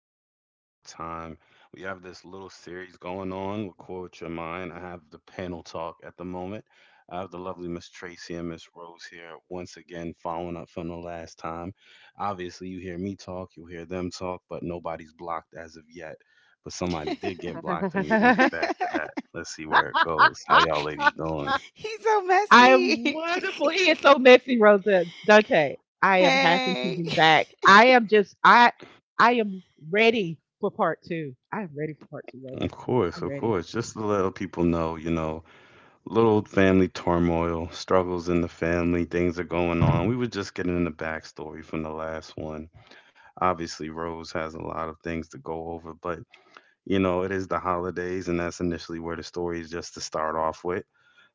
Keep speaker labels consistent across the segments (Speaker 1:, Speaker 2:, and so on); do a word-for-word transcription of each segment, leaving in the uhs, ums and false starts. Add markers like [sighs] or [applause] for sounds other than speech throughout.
Speaker 1: joining us one more time. We have this little series going on with Quote Your Mind. I have the panel talk at the moment. I have the lovely Miss Tracy and Miss Rose here once again, following up from the last time. Obviously, you hear me talk, you hear them talk, but nobody's blocked as of yet. But somebody
Speaker 2: [laughs]
Speaker 1: did
Speaker 3: [laughs]
Speaker 1: get blocked, and we're going to
Speaker 3: I
Speaker 1: get back to that. Let's see where it goes. How y'all ladies doing?
Speaker 2: He's so
Speaker 3: am
Speaker 2: messy.
Speaker 3: wonderful. He is so messy, Rosa Dante. I am happy to
Speaker 2: [laughs] Hey.
Speaker 3: be back. I am just I I am ready for part two. I am ready for part two, Rosa.
Speaker 1: Of course,
Speaker 3: I'm
Speaker 1: of
Speaker 3: ready.
Speaker 1: course. Just to let people know, you know, little family turmoil, struggles in the family, things are going on. We were just getting in the backstory from the last one. Obviously, Rose has a lot of things to go over, but you know, it is the holidays, and that's initially where the story is just to start off with.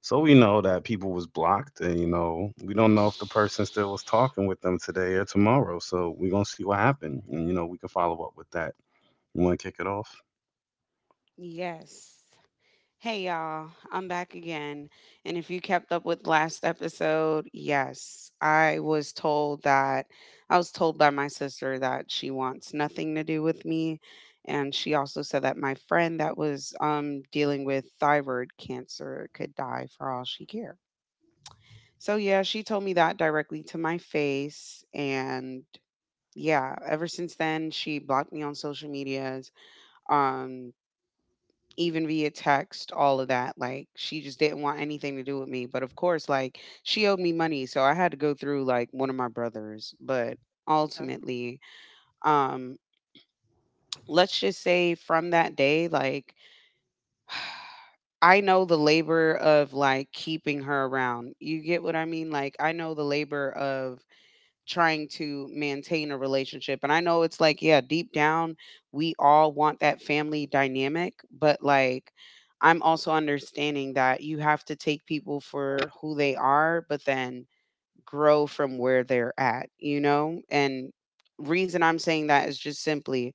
Speaker 1: So we know that people was blocked, and you know, we don't know if the person still was talking with them today or tomorrow. So we're gonna see what happened, and you know, we can follow up with that. You want to kick it off?
Speaker 2: Yes. Hey, y'all. I'm back again. And if you kept up with last episode, yes, I was told that I was told by my sister that she wants nothing to do with me. And she also said that my friend that was um, dealing with thyroid cancer could die for all she cared. So yeah, she told me that directly to my face, and yeah, ever since then she blocked me on social medias, um even via text, all of that. Like she just didn't want anything to do with me, but of course like she owed me money, so I had to go through like one of my brothers, but
Speaker 3: Okay,
Speaker 2: ultimately um let's just say from that day, like, I know the labor of like keeping her around. You get what I mean? Like I know the labor of trying to maintain a relationship. And I know it's like, yeah, deep down, we all want that family dynamic, but like, I'm also understanding that you have to take people for who they are, but then grow from where they're at, you know? And reason I'm saying that is just simply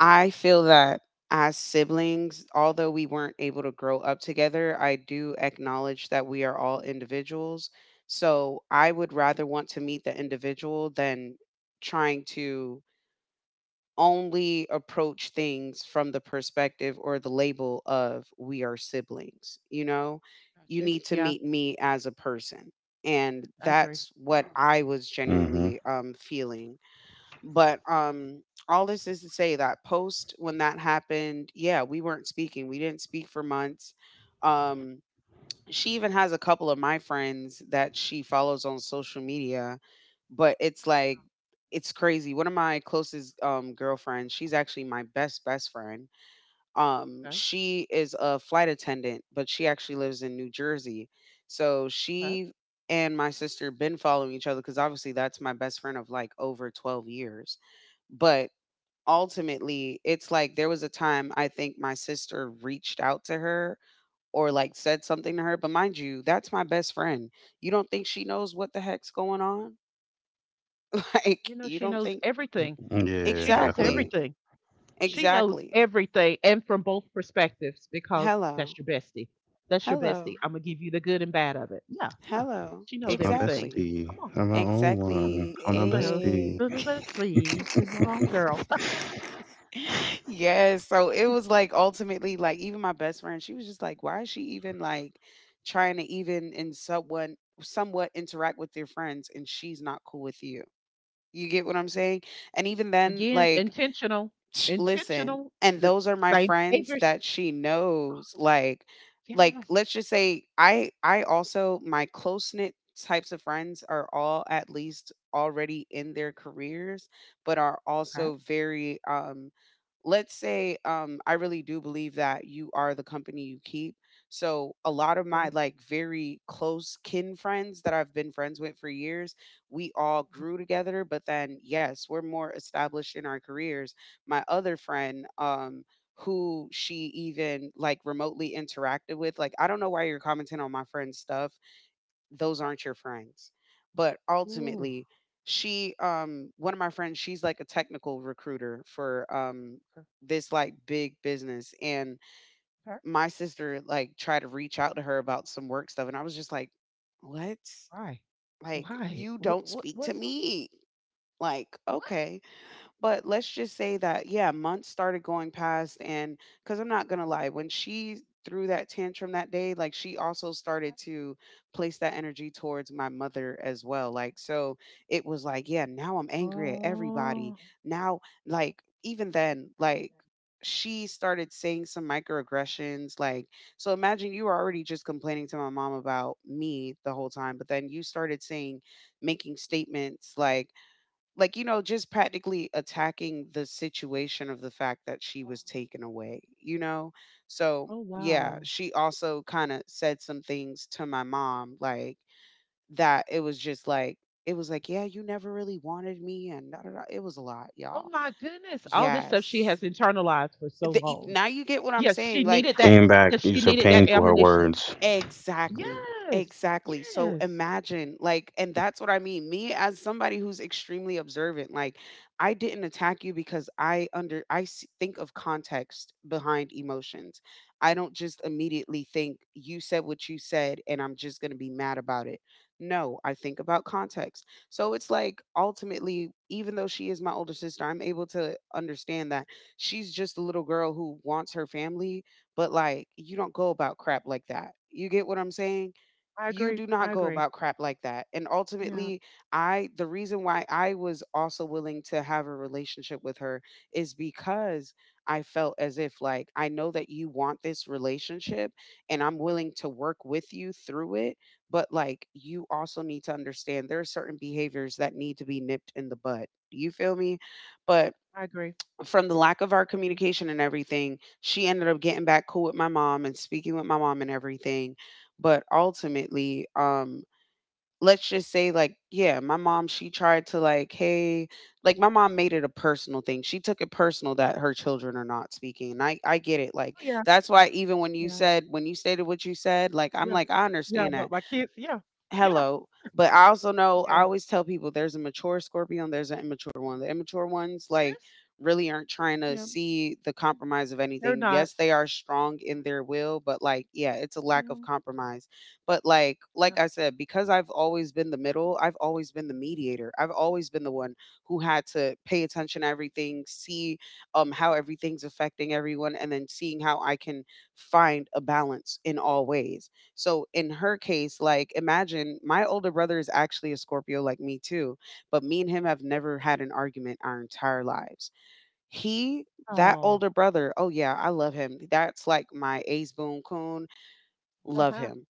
Speaker 2: I feel that as siblings, although we weren't able to grow up together, I do acknowledge that we are all individuals. So I would rather want to meet the individual than trying to only approach things from the perspective or the label of we are siblings. You know,
Speaker 3: got
Speaker 2: you
Speaker 3: you.
Speaker 2: need to
Speaker 3: Yeah,
Speaker 2: meet me as a person. And
Speaker 3: I agree.
Speaker 2: that's what I was
Speaker 1: Mm-hmm.
Speaker 2: genuinely um, feeling, but um, all this is to say that post when that happened, yeah, we weren't speaking. We didn't speak for months. Um, she even has a couple of my friends that she follows on social media, but it's like it's crazy. One of my closest um girlfriends, she's actually my best best friend, um,
Speaker 3: Okay,
Speaker 2: she is a flight attendant, but she actually lives in New Jersey. So
Speaker 3: okay.
Speaker 2: she and my sister been following each other because obviously that's my best friend of like over twelve years. But ultimately, it's like there was a time I think my sister reached out to her or like said something to her. But mind you, that's my best friend. You don't think she knows what the heck's going on? [laughs] Like,
Speaker 3: You know,
Speaker 2: you
Speaker 3: she
Speaker 2: don't
Speaker 3: knows
Speaker 2: think
Speaker 3: everything.
Speaker 1: Yeah,
Speaker 3: She knows
Speaker 1: definitely.
Speaker 2: exactly,
Speaker 3: everything. She knows
Speaker 2: exactly.
Speaker 3: everything, and from both perspectives, because that's
Speaker 2: Hello,
Speaker 3: your bestie. That's your bestie.
Speaker 2: hello,
Speaker 3: I'm gonna give you the good and bad of it. Yeah, yeah.
Speaker 2: hello,
Speaker 3: She knows
Speaker 1: It's my
Speaker 3: everything.
Speaker 2: exactly.
Speaker 1: bestie.
Speaker 3: Come on.
Speaker 1: I'm my own
Speaker 3: Yes,
Speaker 1: one.
Speaker 2: Exactly.
Speaker 1: I'm my
Speaker 3: so
Speaker 2: Eh.
Speaker 1: bestie.
Speaker 3: this is just me is a wrong
Speaker 1: [laughs]
Speaker 3: girl.
Speaker 2: [laughs] Yes. So it was like ultimately, like, even my
Speaker 3: [laughs]
Speaker 2: best friend, she was just like, why is she even like trying to even in someone somewhat interact with their friends and she's not cool with you? You get what I'm saying? And even then,
Speaker 3: Again,
Speaker 2: like,
Speaker 3: intentional,
Speaker 2: Sh- listen,
Speaker 3: intentional.
Speaker 2: and
Speaker 3: The
Speaker 2: those are my
Speaker 3: same
Speaker 2: friends
Speaker 3: behaviors.
Speaker 2: that she knows. Like, like
Speaker 3: Yes.
Speaker 2: let's just say I I also, my close knit types of friends are all at least already in their careers, but are
Speaker 3: Okay.
Speaker 2: also very um let's say um I really do believe that you are the company you keep. So a lot of my
Speaker 3: Three.
Speaker 2: like very close kin friends that I've been friends with for years, we all grew together, but then yes, we're more established in our careers. My other friend, um who she even like remotely interacted with, like, I don't know why you're commenting on my friend's stuff, those
Speaker 3: Oh.
Speaker 2: aren't your friends. But
Speaker 3: Ooh.
Speaker 2: ultimately, she, um one of my friends, she's like a technical recruiter for um
Speaker 3: Okay,
Speaker 2: this like big business, and
Speaker 3: okay.
Speaker 2: my sister like tried to reach out to her about some work stuff, and I was just like, "What?
Speaker 3: Why?
Speaker 2: Like
Speaker 3: Why?
Speaker 2: you
Speaker 3: What?
Speaker 2: don't
Speaker 3: What?
Speaker 2: speak to
Speaker 3: What's?
Speaker 2: me." Like,
Speaker 3: What?
Speaker 2: "Okay." But let's just say that, yeah, months started going past. And because I'm not going to lie, when she threw that tantrum that day, like she also started to place that energy towards my mother as well. Like, so it was like, yeah, now I'm angry at everybody.
Speaker 3: Oh.
Speaker 2: Now, like, even then, like, she started saying some microaggressions, like, so imagine you were already just complaining to my mom about me the whole time, but then you started saying making statements like like you know, just practically attacking the situation of the fact that she was taken away, you know. So
Speaker 3: Oh
Speaker 2: yeah,
Speaker 3: wow.
Speaker 2: she also kind of said some things to my mom, like, that it was just like, it was like, yeah, you never really wanted me and da, da, da. It was a lot,
Speaker 3: Oh
Speaker 2: y'all.
Speaker 3: my goodness. All this stuff she has
Speaker 2: Yes.
Speaker 3: internalized for so
Speaker 2: the, e-
Speaker 3: long.
Speaker 2: now you get what I'm
Speaker 3: Yes,
Speaker 2: saying,
Speaker 3: she
Speaker 2: like,
Speaker 3: needed that.
Speaker 1: Came back,
Speaker 3: Yes, she
Speaker 1: used her
Speaker 3: needed that
Speaker 1: pain through her
Speaker 3: ammunition.
Speaker 1: words.
Speaker 2: exactly.
Speaker 3: Yes.
Speaker 2: Exactly. So
Speaker 3: Yes.
Speaker 2: imagine, like, and that's what I mean. Me as somebody who's extremely observant, like, I didn't attack you because I under I s- think of context behind emotions. I don't just immediately think you said what you said and I'm just going to be mad about it. No, I think about context. So it's like ultimately, even though she is my older sister, I'm able to understand that she's just a little girl who wants her family, but like, you don't go about crap like that. You get what I'm saying?
Speaker 3: I
Speaker 2: You
Speaker 3: agree.
Speaker 2: do not
Speaker 3: I
Speaker 2: go
Speaker 3: agree.
Speaker 2: about crap like that. And
Speaker 3: Yeah.
Speaker 2: ultimately, I the reason why I was also willing to have a relationship with her is because I felt as if, like, I know that you want this relationship, and I'm willing to work with you through it, but like, you also need to understand there are certain behaviors that need to be nipped in the bud. You feel me? But
Speaker 3: I agree.
Speaker 2: from the lack of our
Speaker 3: Mm.
Speaker 2: communication and everything, she ended up getting back cool with my mom and speaking with my mom and everything. But ultimately, um, let's just say, like, yeah, my mom, she tried to, like, hey, like, my mom made it a personal thing. She took it personal that her children are not speaking. And I, I get it. Like,
Speaker 3: Oh, yeah,
Speaker 2: that's why even when you
Speaker 3: yeah,
Speaker 2: said, when you stated what you said, like, I'm
Speaker 3: yeah,
Speaker 2: like, I
Speaker 3: yeah,
Speaker 2: understand that,
Speaker 3: but my kids, yeah, yeah,
Speaker 2: hello. But I also know, I
Speaker 3: yeah,
Speaker 2: always tell people there's a mature Scorpion, there's an immature one. The immature ones like
Speaker 3: yes,
Speaker 2: really aren't trying to
Speaker 3: yeah,
Speaker 2: see the compromise of
Speaker 3: they're
Speaker 2: anything.
Speaker 3: not,
Speaker 2: Yes, they are strong in their will, but like, yeah, it's a lack
Speaker 3: yeah,
Speaker 2: of compromise. But like like
Speaker 3: yeah.
Speaker 2: I said, because I've always been the middle, I've always been the mediator. I've always been the one who had to pay attention to everything, see um how everything's affecting everyone, and then seeing how I can find a balance in all ways. So in her case, like, imagine my older brother is actually a Scorpio like me too, but me and him have never had an argument our entire lives. He, that
Speaker 3: Oh.
Speaker 2: older brother, oh yeah, I love him. That's like my ace boon coon.
Speaker 3: Uh
Speaker 2: Love
Speaker 3: huh.
Speaker 2: him.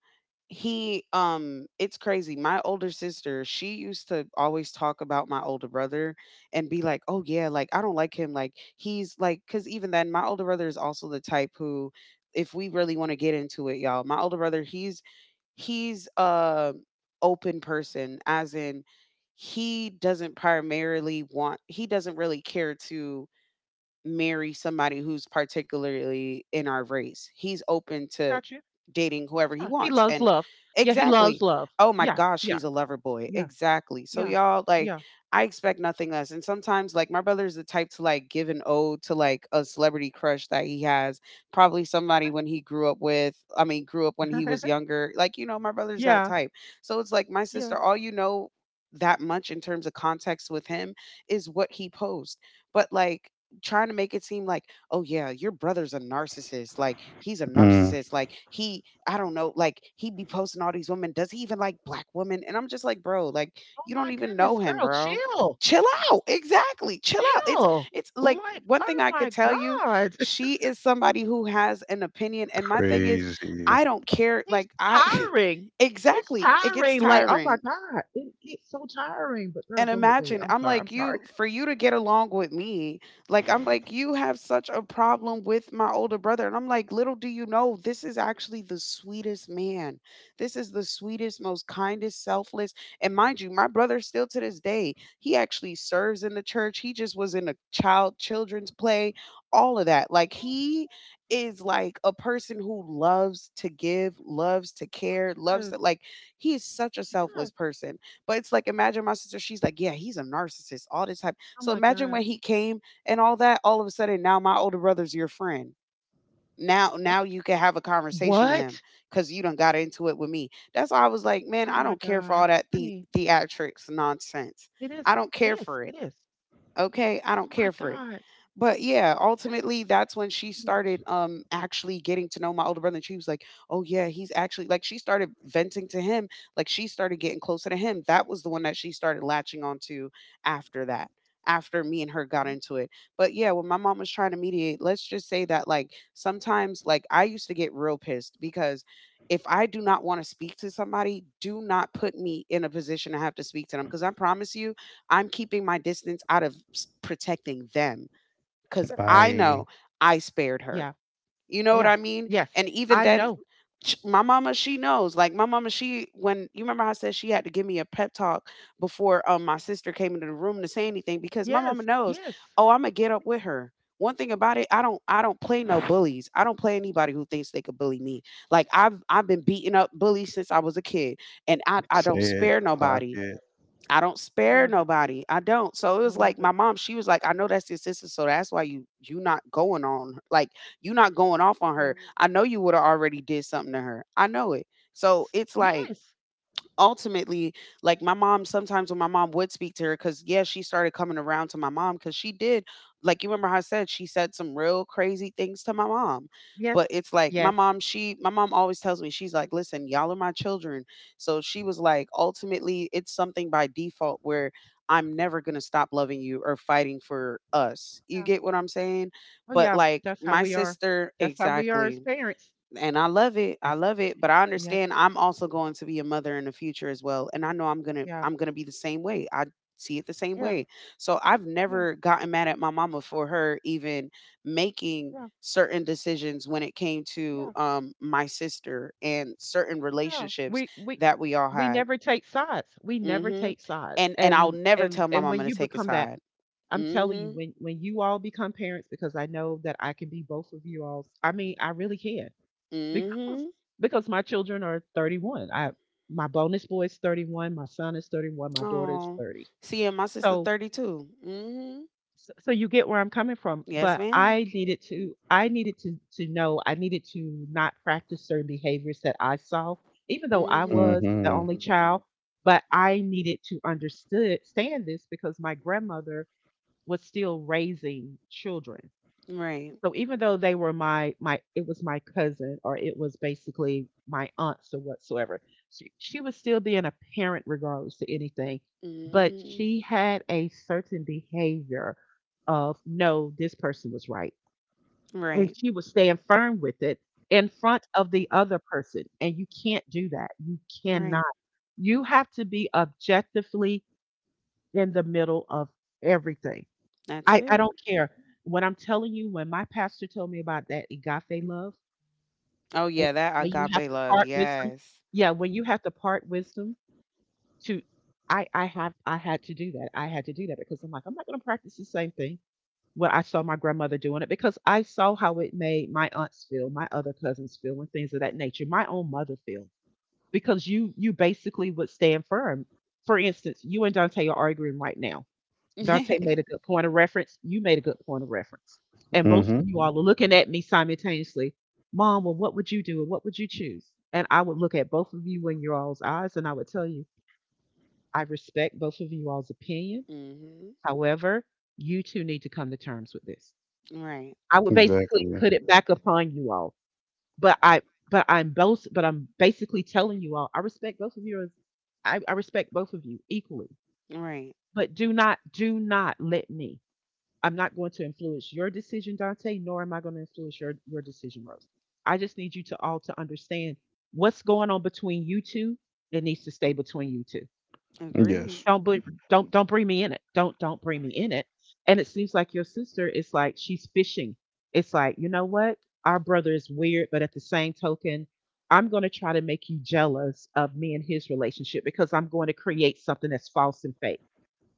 Speaker 2: He, um it's crazy. My older sister, she used to always talk about my older brother and be like, "Oh yeah, like, I don't like him." Like, he's like, cuz even then my older brother is also the type who, if we really want to get into it, y'all, my older brother, he's he's a open person, as in he doesn't primarily want he doesn't really care to marry somebody who's particularly in our race. He's open to
Speaker 3: Got you.
Speaker 2: dating whoever he
Speaker 3: Yeah, he
Speaker 2: wants.
Speaker 3: loves
Speaker 2: And
Speaker 3: love. Yeah, he loves
Speaker 2: exactly.
Speaker 3: love.
Speaker 2: Oh my
Speaker 3: Yeah,
Speaker 2: gosh,
Speaker 3: yeah,
Speaker 2: he's a lover boy.
Speaker 3: yeah,
Speaker 2: Exactly. So
Speaker 3: yeah,
Speaker 2: y'all, like,
Speaker 3: yeah,
Speaker 2: I expect nothing less. And sometimes like my brother is the type to like give an ode to like a celebrity crush that he has, probably somebody when he grew up with, I mean grew up when he was
Speaker 3: [laughs]
Speaker 2: younger. Like, you know, my brother's that
Speaker 3: yeah,
Speaker 2: type. So it's like my
Speaker 3: yeah.
Speaker 2: sister, all you know that much in terms of context with him is what he posed. But like trying to make it seem like, "Oh yeah, your brother's a narcissist, like, he's a
Speaker 1: Mm,
Speaker 2: narcissist, like, he I don't know, like, he be posting all these women, does he even like black women?" And I'm just like, "Bro, like,
Speaker 3: Oh
Speaker 2: you don't
Speaker 3: my
Speaker 2: even know
Speaker 3: goodness,
Speaker 2: him,
Speaker 3: girl,
Speaker 2: bro.
Speaker 3: chill,
Speaker 2: Chill out." Exactly. Chill out. It's
Speaker 3: chill.
Speaker 2: it's like,
Speaker 3: Like,
Speaker 2: one thing
Speaker 3: oh
Speaker 2: I could
Speaker 3: my
Speaker 2: tell you,
Speaker 3: God, [laughs]
Speaker 2: she is somebody who has an opinion, and my thing is,
Speaker 1: crazy.
Speaker 2: I don't care,
Speaker 3: it's
Speaker 2: like, I [laughs]
Speaker 3: tiring. It's
Speaker 2: Exactly. It gets
Speaker 3: tiring. Like, oh my
Speaker 2: tiring.
Speaker 3: God, it, it's so tiring. But girl,
Speaker 2: And
Speaker 3: go ahead, go ahead.
Speaker 2: imagine,
Speaker 3: I'm
Speaker 2: I'm
Speaker 3: sorry, I'm
Speaker 2: like,
Speaker 3: sorry.
Speaker 2: you, for you to get along with me, like, I'm like, you have such a problem with my older brother. And I'm like, little do you know, this is actually the sweetest man. This is the sweetest, most kindest, selfless. And mind you, my brother, still to this day, he actually serves in the church. He just was in a child, children's play, all of that. Like, he is like a person who loves to give, loves to care, loves
Speaker 3: Yes,
Speaker 2: to, like, he is such a selfless
Speaker 3: yes.
Speaker 2: person, but it's like imagine my sister, she's like, yeah, he's a narcissist, all this type.
Speaker 3: Oh
Speaker 2: So
Speaker 3: my
Speaker 2: imagine
Speaker 3: God.
Speaker 2: when he came and all that, all of a sudden now my older brother's your friend. Now
Speaker 3: What?
Speaker 2: now you can have a conversation with him
Speaker 3: What?
Speaker 2: because you done got into it with me. That's why I was like, man,
Speaker 3: Oh
Speaker 2: I
Speaker 3: my
Speaker 2: don't care for
Speaker 3: God.
Speaker 2: all that the
Speaker 3: Honey,
Speaker 2: theatrics nonsense.
Speaker 3: it is,
Speaker 2: I don't
Speaker 3: it
Speaker 2: care
Speaker 3: is,
Speaker 2: for
Speaker 3: it
Speaker 2: it.
Speaker 3: is.
Speaker 2: Okay, I
Speaker 3: Oh
Speaker 2: don't
Speaker 3: my
Speaker 2: care for it.
Speaker 3: God.
Speaker 2: But yeah, ultimately
Speaker 3: That's
Speaker 2: that's when she
Speaker 3: too much.
Speaker 2: started um actually getting to know my older brother. And she was like, oh yeah, he's actually like she started venting to him, like she started getting closer to him. That was the one that she started latching onto after that, after me and her got
Speaker 3: Okay.
Speaker 2: into it. But yeah, when my mom was trying to mediate, let's just say that like sometimes like I used to get real pissed because if I do not want to speak to somebody, do not put me in a position to have to speak to them. Because I promise you, I'm keeping my distance out of s- protecting them because
Speaker 3: Yeah.
Speaker 2: I
Speaker 3: Yeah.
Speaker 1: Bye.
Speaker 2: know I spared her.
Speaker 3: Yeah.
Speaker 2: You know what
Speaker 3: Yeah.
Speaker 2: I mean?
Speaker 3: Yes.
Speaker 2: And even
Speaker 3: I
Speaker 2: then,
Speaker 3: know.
Speaker 2: sh- my mama, she knows. Like my mama, she when you remember how I said she had to give me a pep talk before um my sister came into the room to say anything because my mama
Speaker 3: Yes.
Speaker 2: knows.
Speaker 3: Yes.
Speaker 2: Oh, I'm gonna get up with her. One thing about it, I don't I don't play no bullies. I don't play anybody who thinks they could bully me. Like I've I've been beating up bullies since I was a kid, and I I
Speaker 1: Say
Speaker 2: don't
Speaker 1: it.
Speaker 2: spare
Speaker 1: Clock
Speaker 2: nobody.
Speaker 1: it.
Speaker 2: I don't
Speaker 3: I
Speaker 2: spare
Speaker 3: love it.
Speaker 2: nobody. I don't. So it
Speaker 3: I
Speaker 2: was like
Speaker 3: love it.
Speaker 2: my mom, she was like, I know that's your sister, so that's why you you not going on her- like you not going off on
Speaker 3: Yeah.
Speaker 2: her. I know you would have already did something to her. I know it. So it's like
Speaker 3: Yes.
Speaker 2: ultimately, like my mom, sometimes when my mom would speak to her, because yeah, she started coming around to my mom because she did, like you remember how I said she said some real crazy things to my mom. But
Speaker 3: Yes.
Speaker 2: it's like my
Speaker 3: Yes.
Speaker 2: mom, she my mom always tells me, she's like, listen, y'all are my children. So she was like, ultimately, it's something by default where I'm never gonna stop loving you or fighting for us. You
Speaker 3: Yeah.
Speaker 2: get what I'm saying?
Speaker 3: Oh
Speaker 2: But
Speaker 3: yeah.
Speaker 2: like
Speaker 3: That's how
Speaker 2: my
Speaker 3: we are.
Speaker 2: sister,
Speaker 3: That's how we are as
Speaker 2: exactly,
Speaker 3: parents.
Speaker 2: and I love it. I
Speaker 3: That's
Speaker 2: love it, but I
Speaker 3: yes.
Speaker 2: understand I'm also going to be a mother in the future as well, and I know I'm going to
Speaker 3: Yeah.
Speaker 2: I'm going to be the same way. I see it the same
Speaker 3: Yeah.
Speaker 2: way. So I've
Speaker 3: Yeah.
Speaker 2: never gotten mad at my mama for her even making
Speaker 3: Yeah.
Speaker 2: certain decisions when it came to
Speaker 3: Yeah.
Speaker 2: um my sister and certain
Speaker 3: No,
Speaker 2: relationships
Speaker 3: we we
Speaker 2: that we all
Speaker 3: we
Speaker 2: had.
Speaker 3: never take sides. We never
Speaker 2: Mhm.
Speaker 3: take sides.
Speaker 2: And and I'll
Speaker 3: And
Speaker 2: never
Speaker 3: and
Speaker 2: tell my
Speaker 3: and
Speaker 2: mama
Speaker 3: when
Speaker 2: to
Speaker 3: you
Speaker 2: take a
Speaker 3: become that,
Speaker 2: side.
Speaker 3: I'm telling you,
Speaker 2: Mhm.
Speaker 3: when when you all become parents, because I know that I can be both of you all. I mean, I really can [laughs] because
Speaker 2: Mhm.
Speaker 3: because my children are thirty-one. I My bonus boy is thirty-one. My son is thirty-one. My daughter is
Speaker 2: Oh.
Speaker 3: thirty.
Speaker 2: Seeing my sister
Speaker 3: So
Speaker 2: thirty-two. Mhm.
Speaker 3: so, so you get where I'm coming from,
Speaker 2: Yes,
Speaker 3: but
Speaker 2: ma'am.
Speaker 3: I needed to I needed to to know I needed to not practice certain behaviors that I saw, even though I
Speaker 2: Mhm.
Speaker 3: was the
Speaker 1: Mm-hmm.
Speaker 3: only child, but I needed to understood stand this because my grandmother was still raising children.
Speaker 2: Right.
Speaker 3: So even though they were my my it was my cousin, or it was basically my aunts or whatsoever, she, she was still being a parent regardless to anything. But
Speaker 2: Hmm.
Speaker 3: she had a certain behavior of no, this person was right. And
Speaker 2: Right.
Speaker 3: she was staying firm with it in front of the other person. And you can't do that. You cannot.
Speaker 2: Right.
Speaker 3: You have to be objectively in the middle of everything.
Speaker 2: That's
Speaker 3: I I
Speaker 2: it.
Speaker 3: don't care. When I'm telling you, when my pastor told me about that agape love,
Speaker 2: Oh
Speaker 3: and
Speaker 2: yeah, that
Speaker 3: when you have
Speaker 2: agape
Speaker 3: to
Speaker 2: love.
Speaker 3: part wisdom,
Speaker 2: Yes.
Speaker 3: yeah, when you have to part wisdom to, I I have I had to do that. I had to do that because I'm like I'm not going to practice the same thing. When I saw my grandmother doing it, because I saw how it made my aunts feel, my other cousins feel, and things of that nature. My own mother feel because you you basically would stand firm. For instance, you and Dante are arguing right now.
Speaker 2: [laughs]
Speaker 3: Dante made a
Speaker 2: hmm
Speaker 3: good point of reference. You made a good point of reference. And both
Speaker 1: Mm-hmm.
Speaker 3: of you all are looking at me simultaneously. Mom, well, what would you do? And what would you choose? And I would look at both of you in your all's eyes and I would tell you, I respect both of you all's opinion. However, you two need to come to terms with this.
Speaker 2: Right.
Speaker 3: I would basically
Speaker 1: Exactly.
Speaker 3: put it back upon you all. But I but I'm both but I'm basically telling you all, I respect both of you as I, I respect both of you equally.
Speaker 2: Right.
Speaker 3: But do not, do not let me. I'm not going to influence your decision, Dante, nor am I going to influence your, your decision, Rose. I just need you to all to understand what's going on between you two. It needs to stay between you two.
Speaker 2: Agreed.
Speaker 1: Yes.
Speaker 3: Don't bring, don't don't bring me in it. Don't don't bring me in it. And it seems like your sister is like she's fishing. It's like, you know what, our brother is weird, but at the same token, I'm going to try to make you jealous of me and his relationship because I'm going to create something that's false and fake,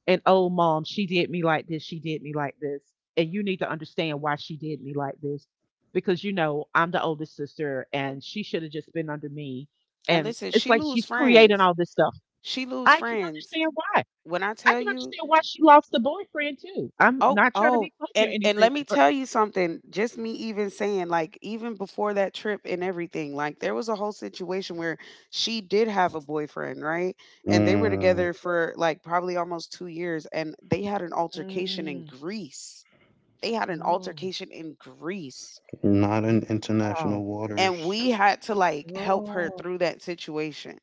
Speaker 3: and oh Mom, she did me like this, she did me like this, and you need to understand why she did me like this because, you know, I'm the oldest sister and she should have just been under me.
Speaker 2: And
Speaker 3: And
Speaker 2: listen,
Speaker 3: it's
Speaker 2: she
Speaker 3: like
Speaker 2: lose
Speaker 3: she's creating
Speaker 2: friends.
Speaker 3: all this stuff.
Speaker 2: She lose
Speaker 3: i can
Speaker 2: friends.
Speaker 3: understand why
Speaker 2: When I
Speaker 3: i
Speaker 2: tell
Speaker 3: can
Speaker 2: you,
Speaker 3: understand why she lost the boyfriend too. I'm
Speaker 2: oh,
Speaker 3: not trying to
Speaker 2: oh,
Speaker 3: be funny or
Speaker 2: and and
Speaker 3: anything,
Speaker 2: let me
Speaker 3: but
Speaker 2: tell you something. Just me even saying, like, even before that trip and everything, like, there was a whole situation where she did have a boyfriend, right? And they were
Speaker 1: Mm,
Speaker 2: together for like probably almost two years, and they had an altercation in
Speaker 3: mm,
Speaker 2: Greece. They had an
Speaker 3: no.
Speaker 2: altercation in Greece,
Speaker 1: not
Speaker 3: Greek-
Speaker 1: in international
Speaker 3: wow.
Speaker 2: and
Speaker 1: waters.
Speaker 2: we had to like help her
Speaker 3: Oh,
Speaker 2: through that situation.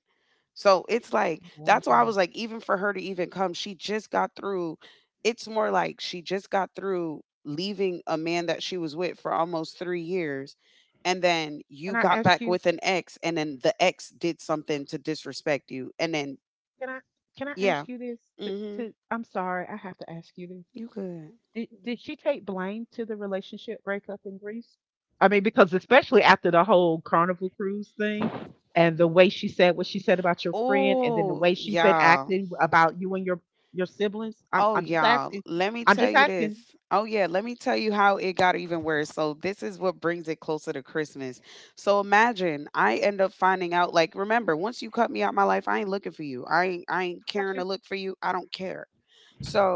Speaker 2: So it's like that's why I
Speaker 3: wow.
Speaker 2: was like, even for her to even come, she just got through. It's more like she just got through leaving a man that she was with for almost three years. And then
Speaker 3: can
Speaker 2: you
Speaker 3: i
Speaker 2: got
Speaker 3: ask
Speaker 2: back
Speaker 3: you
Speaker 2: with an ex, and then the ex did something to disrespect you. And then,
Speaker 3: can i can I
Speaker 2: yeah,
Speaker 3: ask you this to,
Speaker 2: hmm,
Speaker 3: to I'm sorry, I have to ask you this.
Speaker 2: you could.
Speaker 3: Did did she take blame to the relationship breakup in Greece? I mean, because especially after the whole carnival cruise thing and the way she said what she said about your friend and then the
Speaker 2: Oh,
Speaker 3: way she's been
Speaker 2: yeah.
Speaker 3: acting about you and your your siblings. I'm
Speaker 2: Oh,
Speaker 3: I'm just
Speaker 2: y'all,
Speaker 3: asking.
Speaker 2: let me
Speaker 3: I'm
Speaker 2: tell
Speaker 3: just
Speaker 2: you
Speaker 3: asking.
Speaker 2: this. Oh, yeah, let me tell you how it got even worse. So, this is what brings it closer to Christmas. So, imagine I end up finding out, like, remember, once you cut me out my life, I ain't looking for you. I ain't, I ain't caring to
Speaker 3: Gotcha.
Speaker 2: look for you. I don't care.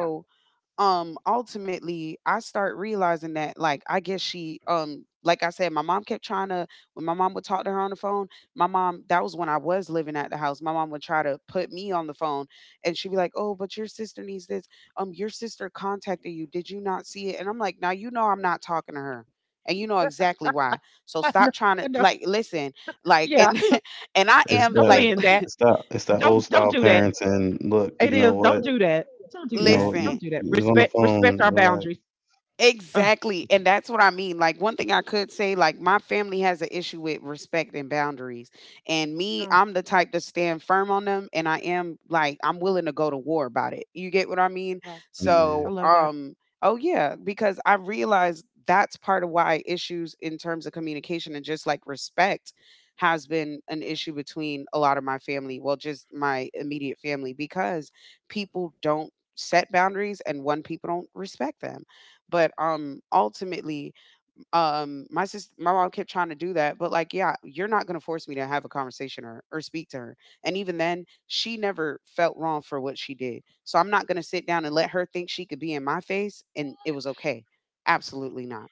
Speaker 3: Yeah.
Speaker 2: um ultimately I start realizing that like I guess she um like I said my mom kept trying to, when my mom would talk to her on the phone, my mom, that was when I was living at the house, my mom would try to put me on the phone and she'd be like, oh, but your sister needs this, um your sister contacted you, did you not see it? And I'm like, now you know I'm not talking to her and you know exactly why. So
Speaker 3: [laughs] I
Speaker 2: stop
Speaker 3: know,
Speaker 2: trying
Speaker 3: I
Speaker 2: to,
Speaker 3: know.
Speaker 2: like, listen, like, and
Speaker 3: Yeah.
Speaker 2: [laughs] and I
Speaker 1: It's
Speaker 2: am
Speaker 3: Don't
Speaker 1: that,
Speaker 2: like,
Speaker 3: mean that.
Speaker 1: it's that it's that old
Speaker 3: Don't don't
Speaker 1: style
Speaker 3: do that.
Speaker 1: parents and look,
Speaker 3: It
Speaker 1: you know
Speaker 3: is.
Speaker 1: what?
Speaker 3: Don't do that. Don't
Speaker 2: [laughs]
Speaker 3: do
Speaker 1: You know,
Speaker 3: that.
Speaker 1: you,
Speaker 3: Don't
Speaker 2: listen.
Speaker 3: do that.
Speaker 1: it's on the
Speaker 3: Respect respect
Speaker 1: phone.
Speaker 3: our
Speaker 1: Relax.
Speaker 3: boundaries. Uh,
Speaker 2: Exactly. And that's what I mean. Like, one thing I could say, like, my family has an issue with respect and boundaries. And me,
Speaker 3: oh,
Speaker 2: I'm the type to stand firm on them. And I am, like, I'm willing to go to war about it. You get what I mean?
Speaker 3: yeah.
Speaker 1: Yeah.
Speaker 3: I
Speaker 2: So,
Speaker 3: love that.
Speaker 2: um, oh, yeah, because I realized that's part of why issues in terms of communication and just like respect has been an issue between a lot of my family. Well, just my immediate family, because people don't set boundaries and one, people don't respect them. But um ultimately, um, my sister, my mom kept trying to do that, but like, yeah, you're not gonna force me to have a conversation or or speak to her. And even then, she never felt wrong for what she did. So I'm not gonna sit down and
Speaker 3: Yeah.
Speaker 2: let her think she could be in my face and it
Speaker 3: What?
Speaker 2: was okay. Absolutely not.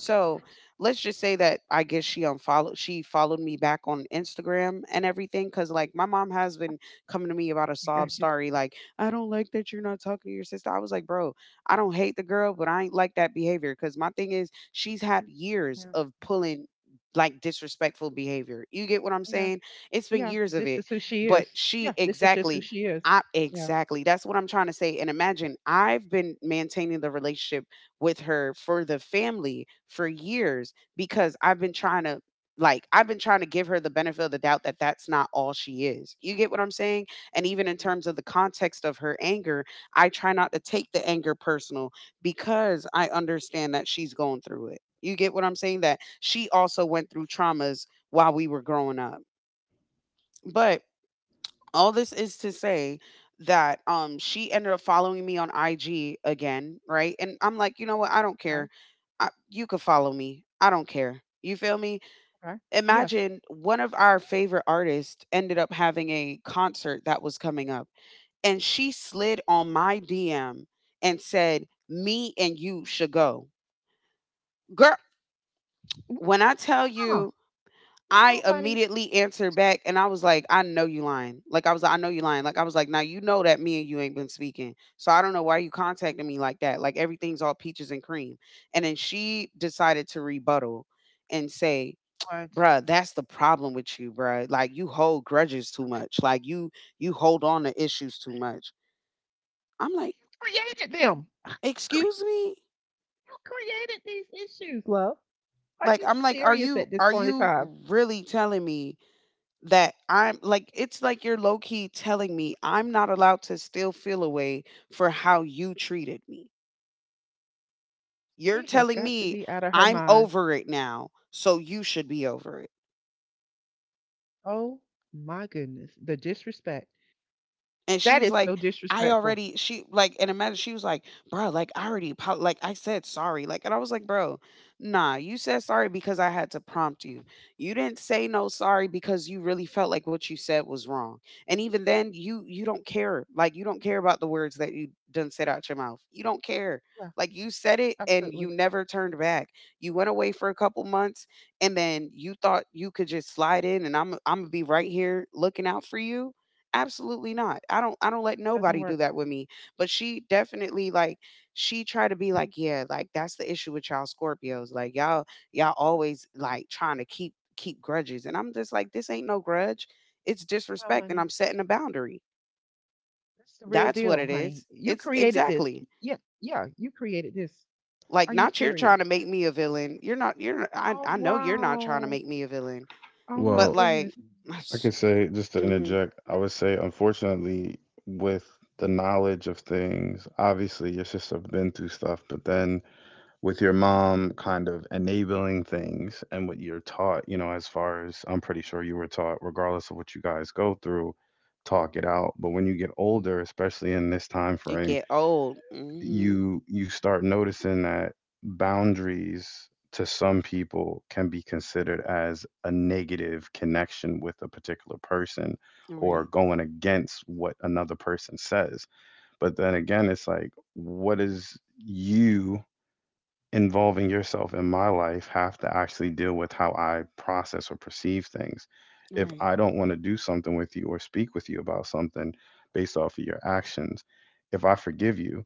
Speaker 2: So
Speaker 3: What?
Speaker 2: let's just say that I guess she unfollowed she followed me back on Instagram and everything. Cause like my mom has been coming to me about a
Speaker 3: I
Speaker 2: sob
Speaker 3: got you.
Speaker 2: story, like, I don't like that you're not talking to your sister. I was like, bro, I don't hate the girl, but I ain't like that behavior. Cause my thing is she's had years
Speaker 3: Yeah.
Speaker 2: of pulling like disrespectful behavior. You get what I'm
Speaker 3: Yeah.
Speaker 2: saying? It's been
Speaker 3: Yeah,
Speaker 2: years of
Speaker 3: this is
Speaker 2: it,
Speaker 3: who she
Speaker 2: but
Speaker 3: is. Yeah,
Speaker 2: she
Speaker 3: this is just who
Speaker 2: exactly
Speaker 3: she is.
Speaker 2: I
Speaker 3: Yeah.
Speaker 2: exactly. That's what I'm trying to say. And imagine I've been maintaining the relationship with her for the family for years because I've been trying to, like I've been trying to give her the benefit of the doubt that that's not all she is. You get what I'm saying? And even in
Speaker 3: Yeah.
Speaker 2: terms of the context of her anger, I try not to take the anger personal because I understand that she's going through it. You get what I'm saying? That she also went through traumas while we were growing up. But all this is to say that um she ended up following me on I G again, right? And I'm like, you know what? I don't
Speaker 3: Okay.
Speaker 2: care. I, you could follow me. I don't care. You feel me?
Speaker 3: Okay. Yes.
Speaker 2: Imagine one of our favorite artists ended up having a concert that was coming up, and she slid on my D M and said, "Me and you should go." Girl, when I tell
Speaker 3: Ah,
Speaker 2: you,
Speaker 3: no,
Speaker 2: I
Speaker 3: honey.
Speaker 2: immediately answered back and I was like, I know you lying. Like I was like, I know you lying. Like I was like, now you know that me and you ain't been speaking. So I don't know why you contacting me like that. Like everything's all peaches and cream. And then she decided to rebuttal and say,
Speaker 3: What?
Speaker 2: bruh, that's the problem with you, bruh. Like you hold grudges too much. Like you you hold on to issues too much. I'm like,
Speaker 3: Created them. How do you cre-
Speaker 2: excuse me?
Speaker 3: you created these issues, love. Are
Speaker 2: Like
Speaker 3: you
Speaker 2: I'm like, are
Speaker 3: serious
Speaker 2: you
Speaker 3: at this
Speaker 2: are
Speaker 3: point in
Speaker 2: you
Speaker 3: time?
Speaker 2: really telling me that, I'm like, it's like you're low key telling me I'm not allowed to still feel a way for how you treated me. You're
Speaker 3: She has
Speaker 2: telling
Speaker 3: got to
Speaker 2: me
Speaker 3: be out of her
Speaker 2: I'm
Speaker 3: mind.
Speaker 2: over it now, so you should be over it.
Speaker 3: Oh my goodness. The disrespect.
Speaker 2: And she
Speaker 3: That
Speaker 2: was
Speaker 3: is so
Speaker 2: like, I
Speaker 3: disrespectful.
Speaker 2: already, she like, and imagine she was like, bro, like I already apo- like I said sorry, like, and I was like, bro, nah, you said sorry because I had to prompt you. You didn't say no sorry because you really felt like what you said was wrong. And even then you you don't care, like you don't care about the words that you done said out your mouth, you don't care,
Speaker 3: Yeah,
Speaker 2: like you said it and you
Speaker 3: absolutely.
Speaker 2: never turned back. You went away for a couple months and then you thought you could just slide in and i'm i'm gonna be right here looking out for you. Absolutely not. I don't I don't let
Speaker 3: Doesn't
Speaker 2: nobody do
Speaker 3: work.
Speaker 2: that with me. But she definitely like she tried to be like, yeah, like that's the issue with y'all Scorpios. Like y'all y'all always like trying to keep keep grudges. And I'm just like, this ain't no grudge. It's
Speaker 3: No,
Speaker 2: disrespect and
Speaker 3: honey.
Speaker 2: I'm setting a boundary.
Speaker 3: That's the real
Speaker 2: That's what
Speaker 3: deal,
Speaker 2: it
Speaker 3: honey.
Speaker 2: is.
Speaker 3: You
Speaker 2: It's
Speaker 3: created this.
Speaker 2: exactly.
Speaker 3: Yeah, yeah, you created this.
Speaker 2: Like
Speaker 3: Are you
Speaker 2: not you're trying to
Speaker 3: serious?
Speaker 2: make me a villain. You're not you're I
Speaker 3: Oh
Speaker 2: I know you're not trying to
Speaker 3: wow.
Speaker 2: make me a villain.
Speaker 3: Oh my
Speaker 2: But
Speaker 1: Well,
Speaker 2: like
Speaker 3: goodness. Mhm.
Speaker 2: [sighs]
Speaker 1: I could say just to
Speaker 2: mhm
Speaker 1: interject, I would say unfortunately with the knowledge of things, obviously your sister been through stuff, but then with your mom kind of enabling things and what you're taught, you know, as far as I'm pretty sure you were taught, regardless of what you guys go through, talk it out. But when you get older, especially in this time
Speaker 2: it
Speaker 1: frame,
Speaker 2: get old. Mhm.
Speaker 1: you you start noticing that boundaries to some people can be considered as a negative connection with a particular person
Speaker 2: All
Speaker 1: or
Speaker 2: right.
Speaker 1: going against what another person says, but then again it's like what is you involving yourself in my life have to actually deal with how I process or perceive things.
Speaker 2: All
Speaker 1: If
Speaker 2: right.
Speaker 1: I don't want to do something with you or speak with you about something based off of your actions, if I forgive you,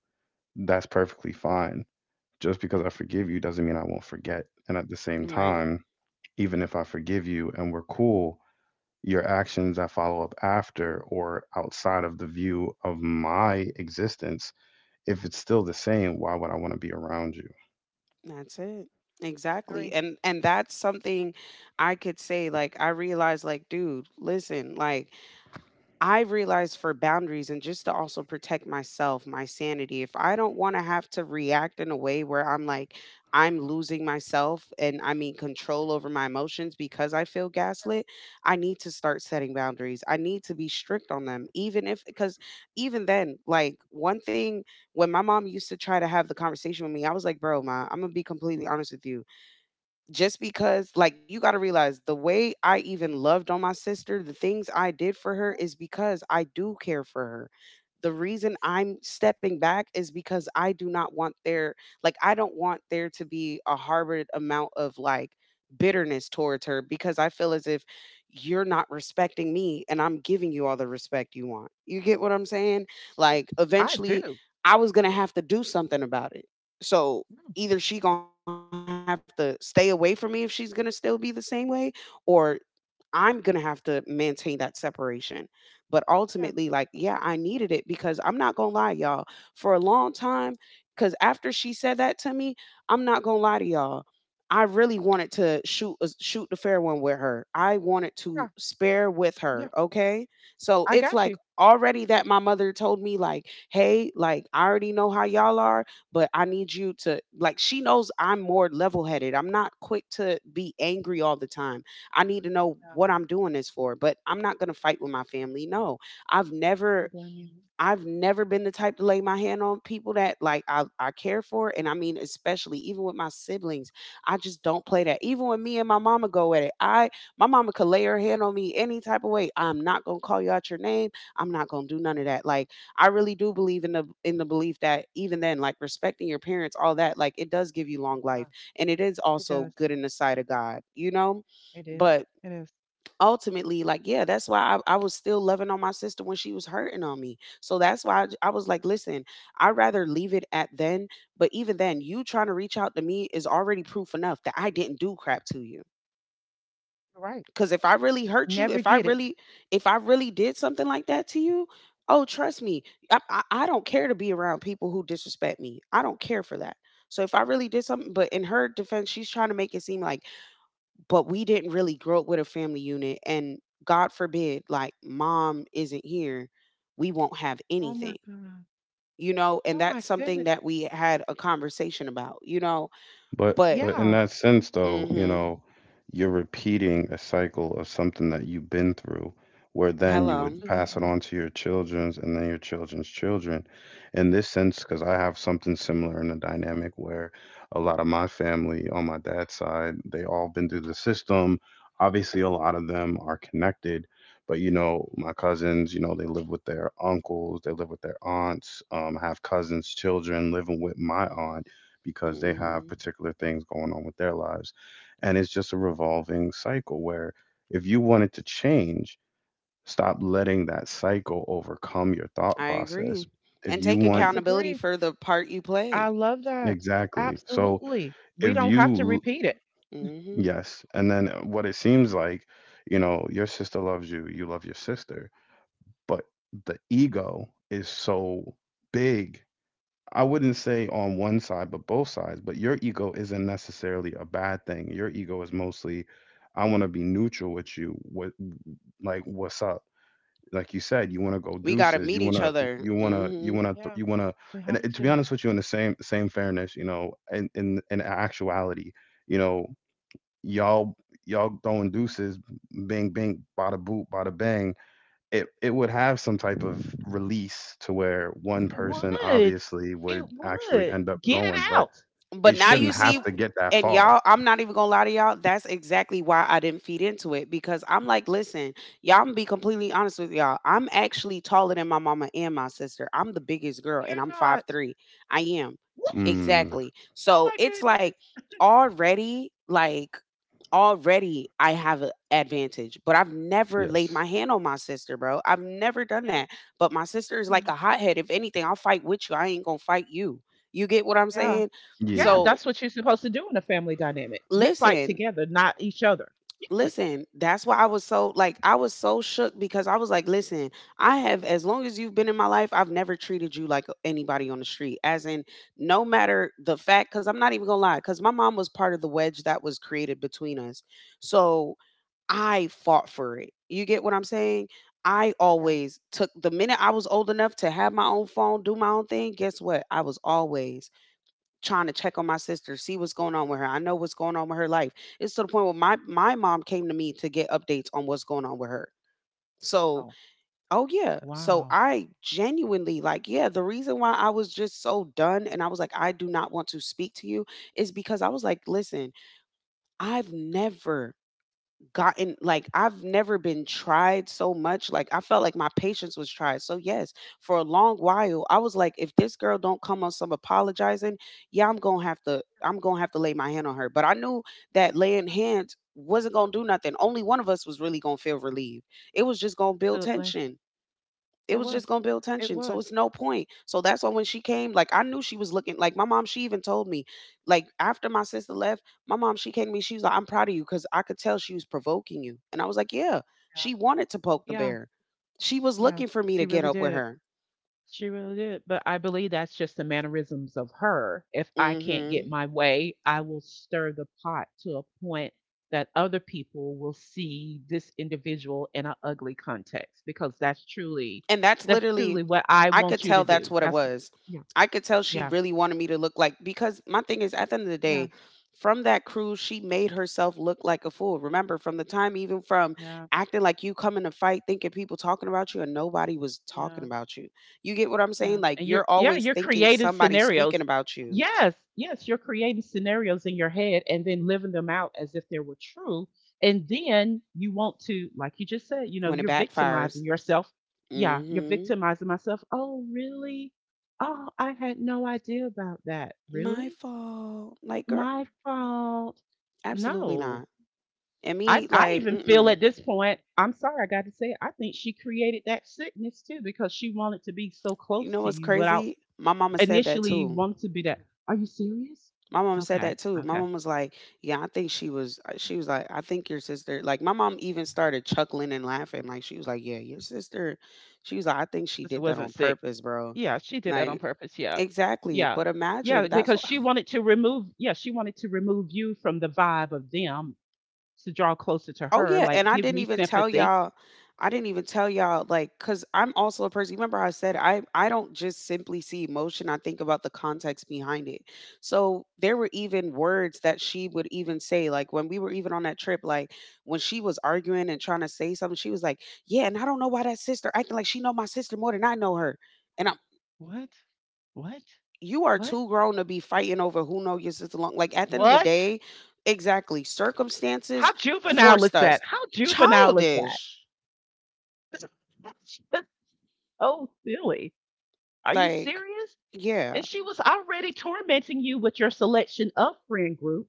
Speaker 1: that's perfectly fine. Just because I
Speaker 3: Yeah,
Speaker 1: forgive you doesn't mean I won't forget. And at the same
Speaker 2: Right.
Speaker 1: time, even if I forgive you and we're cool, your actions that follow up after or outside of the view of my existence, if it's still the same, why would I want to be around you?
Speaker 2: That's it. Exactly.
Speaker 3: agree.
Speaker 2: And and that's something I could say. Like I realized, like, dude, listen, like I've realized for boundaries and just to also protect myself, my sanity, if I don't want to have to react in a way where I'm like, I'm losing myself and I mean control over my emotions because I feel gaslit, I need to start setting boundaries. I need to be strict on them, even if, because even then, like one thing, when my mom used to try to have the conversation with me, I was like, bro, ma, I'm going to be completely honest with you. Just because, like, you got to realize the way I even loved on my sister, the things I did for her
Speaker 3: Yes.
Speaker 2: is because I do care for her. The reason I'm stepping back is because I do not want there, like I don't want there to be a harbored amount of, like, bitterness towards her because I feel as if you're not respecting me and I'm giving you all the respect you want. You get what I'm saying? Like
Speaker 3: I
Speaker 2: eventually
Speaker 3: do.
Speaker 2: I was going to have to do something about it. So
Speaker 3: Mm.
Speaker 2: either she gonna have to stay away from me if she's gonna still be the same way, or I'm going to have to maintain that separation. But ultimately, like,
Speaker 3: Yeah.
Speaker 2: yeah, I needed it because I'm not going to lie, y'all, for a long time, because after she said that to me, I'm not going to lie to y'all. I really wanted to shoot a- shoot the fair one with her. I wanted to
Speaker 3: Yeah,
Speaker 2: spare with
Speaker 3: yeah,
Speaker 2: her,
Speaker 3: yeah.
Speaker 2: okay? So
Speaker 3: I
Speaker 2: it's
Speaker 3: got
Speaker 2: like
Speaker 3: you.
Speaker 2: already that my mother told me, like, "Hey, like I already know how y'all are, but I need you to like she knows I'm more level headed. I'm not quick to be angry all the time. I need to know
Speaker 3: Yeah.
Speaker 2: what I'm doing this for, but I'm not going to fight with my family." No. I've
Speaker 3: I
Speaker 2: never
Speaker 3: don't blame you.
Speaker 2: I've never been the type to lay my hand on people that, like, I I care for, and I mean especially even with my siblings. I just don't play that. Even when me and my mama go at it. I My mama could lay her hand on me any type of way. I'm not going to call you out your name. I'm not going to do none of that. Like I really do believe in the in the belief that even then, like, respecting your parents, all that, like it does give you long life,
Speaker 3: Uh,
Speaker 2: and it is
Speaker 3: it
Speaker 2: also
Speaker 3: does.
Speaker 2: good in the sight of God, you know?
Speaker 3: It is.
Speaker 2: But
Speaker 3: It is.
Speaker 2: ultimately, like, yeah, that's why I, I was still loving on my sister when she was hurting on me, so that's why I, I was like, listen, I'd rather leave it at then. But even then you trying to reach out to me is already proof enough that I didn't do crap to you,
Speaker 3: You're right.
Speaker 2: because if I really hurt you,
Speaker 3: Never
Speaker 2: if i
Speaker 3: did it.
Speaker 2: really if I really did something like that to you, oh trust me, I, I, I don't care to be around people who disrespect me. I don't care for that. So if I really did something, but in her defense she's trying to make it seem like, but we didn't really grow up with a family unit and, god forbid, like mom isn't here, we won't have
Speaker 3: Oh my
Speaker 2: anything,
Speaker 3: God.
Speaker 2: you know? And
Speaker 3: Oh
Speaker 2: that's
Speaker 3: my
Speaker 2: something
Speaker 3: goodness.
Speaker 2: that we had a conversation about, you know?
Speaker 1: But
Speaker 2: But
Speaker 1: but in
Speaker 3: Yeah,
Speaker 1: that sense though, you
Speaker 2: mhm.
Speaker 1: know, you're repeating a cycle of something that you've been through, where then you would
Speaker 2: Hello.
Speaker 1: pass it
Speaker 3: absolutely.
Speaker 1: on to your children's and then your children's children. In this sense, because I have something similar in the dynamic where a lot of my family on my dad's side, they all been through the system. Obviously, a lot of them are connected, but you know, my cousins, you know, they live with their uncles, they live with their aunts, um, have cousins' children living with my aunt because they have
Speaker 2: Mhm.
Speaker 1: particular things going on with their lives. And it's just a revolving cycle where if you wanted to change, stop letting that cycle overcome your thought
Speaker 2: I agree.
Speaker 1: process. If
Speaker 2: And
Speaker 1: you
Speaker 2: take
Speaker 1: want,
Speaker 3: Must
Speaker 2: accountability
Speaker 3: agree.
Speaker 2: for the part you
Speaker 3: I
Speaker 2: play.
Speaker 3: love that.
Speaker 1: exactly. So
Speaker 3: Absolutely. We
Speaker 1: if
Speaker 3: don't have to
Speaker 1: you,
Speaker 3: repeat it. [laughs]
Speaker 2: Mhm.
Speaker 1: yes. And then uh, what it seems like, you know, your sister loves you, you love your sister, but the ego is so big, I wouldn't say on one side, but both sides. But your ego isn't necessarily a bad thing. Your ego is mostly, I want to be neutral with you. What, like, what's up? Like you said, you
Speaker 3: Yeah,
Speaker 1: want to go
Speaker 2: We got to
Speaker 1: deuces.
Speaker 2: meet
Speaker 1: You want
Speaker 2: each
Speaker 1: to,
Speaker 2: other.
Speaker 1: you want to, you
Speaker 2: Mhm.
Speaker 1: want to,
Speaker 3: yeah,
Speaker 1: You want to.
Speaker 3: we
Speaker 1: And
Speaker 3: have
Speaker 1: it- to be
Speaker 3: to.
Speaker 1: honest with you, in the same same fairness, you know, in in in actuality, you know, y'all y'all throwing deuces, bing bing, bada boop, bada bang, it it would have some type of release to where one
Speaker 3: It
Speaker 1: person
Speaker 3: would.
Speaker 1: obviously
Speaker 3: It
Speaker 1: would actually
Speaker 3: would.
Speaker 1: end up
Speaker 3: Get it
Speaker 1: going, but
Speaker 3: out.
Speaker 2: But
Speaker 1: it
Speaker 2: now
Speaker 3: You're
Speaker 1: shouldn't
Speaker 2: you
Speaker 3: you're
Speaker 1: have
Speaker 2: see,
Speaker 1: to
Speaker 3: right.
Speaker 1: get that
Speaker 2: and
Speaker 1: far.
Speaker 2: y'all, I'm not even gonna lie to y'all. That's exactly why I didn't feed into it, because I'm like, listen, y'all, I'm gonna be completely honest with y'all. I'm actually taller than my mama and my sister. I'm the biggest girl, and
Speaker 3: You're
Speaker 2: I'm five
Speaker 3: not.
Speaker 2: three. I am,
Speaker 3: What?
Speaker 1: Mm,
Speaker 2: exactly.
Speaker 3: Oh
Speaker 2: So
Speaker 3: my
Speaker 2: it's like
Speaker 3: goodness.
Speaker 2: already, like, already I have an advantage, but I've never laid my
Speaker 1: yes.
Speaker 2: hand on my sister, bro. I've never done
Speaker 3: Yeah.
Speaker 2: that. But my sister is
Speaker 3: Yeah.
Speaker 2: like a hothead. If anything, I'll fight with you. I ain't gonna fight you. You get what I'm
Speaker 3: Yeah.
Speaker 2: saying?
Speaker 3: Yeah,
Speaker 1: Yeah.
Speaker 2: So
Speaker 3: that's what you're supposed to do in a family dynamic. We fight
Speaker 2: listen,
Speaker 3: together, not each other. Yes.
Speaker 2: listen. That's why I was so, like, I was so shook, because I was like, listen, I have as long as you've been in my life, I've never treated you like anybody on the street. As in, no matter the fact, because I'm not even gonna lie, because my mom was part of the wedge that was created between us. So I fought for it. You get what I'm saying? I
Speaker 3: Yeah.
Speaker 2: always took the minute I was old enough to have my own phone, do my own thing. Guess what? I was always trying to check on my sister, see what's going on with her. I know what's going on with her life. It's to the point where my my mom came to me to get updates on what's going on with her. So,
Speaker 3: Oh,
Speaker 2: oh yeah. So
Speaker 3: wow.
Speaker 2: I genuinely, like, yeah, the reason why I was just so done and I was like I do not want to speak to you is because I was like, listen, I've never gotten, like, I've never been tried so much. Like I felt like my patience was tried. So yes, for a long while I was like, if this girl don't come on some apologizing, yeah, I'm gonna have to I'm gonna have to lay my hand on her. But I knew that laying
Speaker 3: Yeah,
Speaker 2: hands wasn't gonna do nothing. Only one of us was really gonna feel relieved. It was just gonna build
Speaker 3: absolutely.
Speaker 2: tension it
Speaker 3: It
Speaker 2: was just
Speaker 3: was.
Speaker 2: gonna build
Speaker 3: It
Speaker 2: tension. So
Speaker 3: was.
Speaker 2: it's no point. So that's why when she came, like I knew she was looking, like my mom, she even told me, like after my sister left, my mom, she came to me, she was like, I'm proud of you because I could tell she was provoking you. And I was like, yeah,
Speaker 3: Yeah.
Speaker 2: she wanted to poke the
Speaker 3: Yeah.
Speaker 2: bear. She was
Speaker 3: Yeah.
Speaker 2: looking for me to
Speaker 3: She
Speaker 2: get
Speaker 3: really
Speaker 2: up with
Speaker 3: did.
Speaker 2: her.
Speaker 3: She really did, but I believe that's just the mannerisms of her. If I can't get
Speaker 2: Hmm.
Speaker 3: my way, I will stir the pot to a point that other people will see this individual in an ugly context because that's truly
Speaker 2: And that's
Speaker 3: that's
Speaker 2: literally,
Speaker 3: truly what I
Speaker 2: I could
Speaker 3: want you to
Speaker 2: tell that's
Speaker 3: do.
Speaker 2: what it
Speaker 3: That's
Speaker 2: was.
Speaker 3: Yeah,
Speaker 2: I could tell she
Speaker 3: yeah,
Speaker 2: really wanted me to look like, because my thing is, at the end of the
Speaker 3: yeah,
Speaker 2: day, from that cruise, she made herself look like a fool. Remember, from the time, even from
Speaker 3: yeah,
Speaker 2: acting like you come in a fight, thinking people talking about you and nobody was talking
Speaker 3: yeah.
Speaker 2: about you. You get what I'm saying?
Speaker 3: Yeah,
Speaker 2: Like,
Speaker 3: and you're
Speaker 2: you're
Speaker 3: yeah,
Speaker 2: always
Speaker 3: you're
Speaker 2: thinking
Speaker 3: creating
Speaker 2: somebody's speaking
Speaker 3: scenarios.
Speaker 2: about you
Speaker 3: Yes, yes, you're creating scenarios in your head and then living them out as if they were true. And then you want to, like you just said, you know,
Speaker 2: when it
Speaker 3: you're victimizing
Speaker 2: backfires.
Speaker 3: yourself. Yeah, you're
Speaker 2: Mm
Speaker 3: victimizing myself. Oh, really? Oh, I had no idea about that.
Speaker 2: hmm. My
Speaker 3: Really?
Speaker 2: fault. Like, girl,
Speaker 3: My fault.
Speaker 2: absolutely
Speaker 3: No.
Speaker 2: not. And
Speaker 3: I,
Speaker 2: me,
Speaker 3: I
Speaker 2: like,
Speaker 3: even
Speaker 2: mm
Speaker 3: feel at
Speaker 2: mm.
Speaker 3: this point, I'm sorry, I got to say, I think she created that sickness too because she wanted to be so
Speaker 2: You
Speaker 3: close
Speaker 2: know
Speaker 3: to
Speaker 2: what's
Speaker 3: you without
Speaker 2: crazy? My mama said that
Speaker 3: initially
Speaker 2: too.
Speaker 3: wanted to be that, "Are you serious?"
Speaker 2: My mom said
Speaker 3: Okay,
Speaker 2: that too. My
Speaker 3: okay.
Speaker 2: mom was like, "Yeah, I think she was." uh, She was like, "I think your sister." Like my mom even started chuckling and laughing. Like she was like, "Yeah, your sister." She was like, "I think she
Speaker 3: Sister
Speaker 2: did that on
Speaker 3: wasn't sick.
Speaker 2: purpose, bro."
Speaker 3: Yeah, she did that on
Speaker 2: Like
Speaker 3: purpose, yeah.
Speaker 2: exactly.
Speaker 3: Yeah.
Speaker 2: But
Speaker 3: Yeah,
Speaker 2: imagine that's.
Speaker 3: because she wanted to remove yeah, she wanted to remove you from the vibe of them to draw closer to
Speaker 2: Oh
Speaker 3: her,
Speaker 2: yeah,
Speaker 3: like,
Speaker 2: and I
Speaker 3: "Give
Speaker 2: didn't
Speaker 3: me
Speaker 2: even tell
Speaker 3: sympathy."
Speaker 2: y'all I didn't even tell y'all, like, cuz I'm also a person. Remember I said I I don't just simply see emotion, I think about the context behind it. So there were even words that she would even say, like when we were even on that trip, like when she was arguing and trying to say something, she was like, "Yeah, and I don't know why that sister acting like she know my sister more than I know her." And I'm,
Speaker 3: What? What?
Speaker 2: you are
Speaker 3: What?
Speaker 2: too grown to be fighting over who know your sister long. Like at the end of the
Speaker 3: What?
Speaker 2: day, exactly.
Speaker 3: How
Speaker 2: Circumstances
Speaker 3: juvenile is
Speaker 2: forced us.
Speaker 3: that? How juvenile is that?
Speaker 2: Childish.
Speaker 3: [laughs] That's just so silly. Are you
Speaker 2: Like,
Speaker 3: serious?
Speaker 2: yeah,
Speaker 3: And she was already tormenting you with your selection of friend group.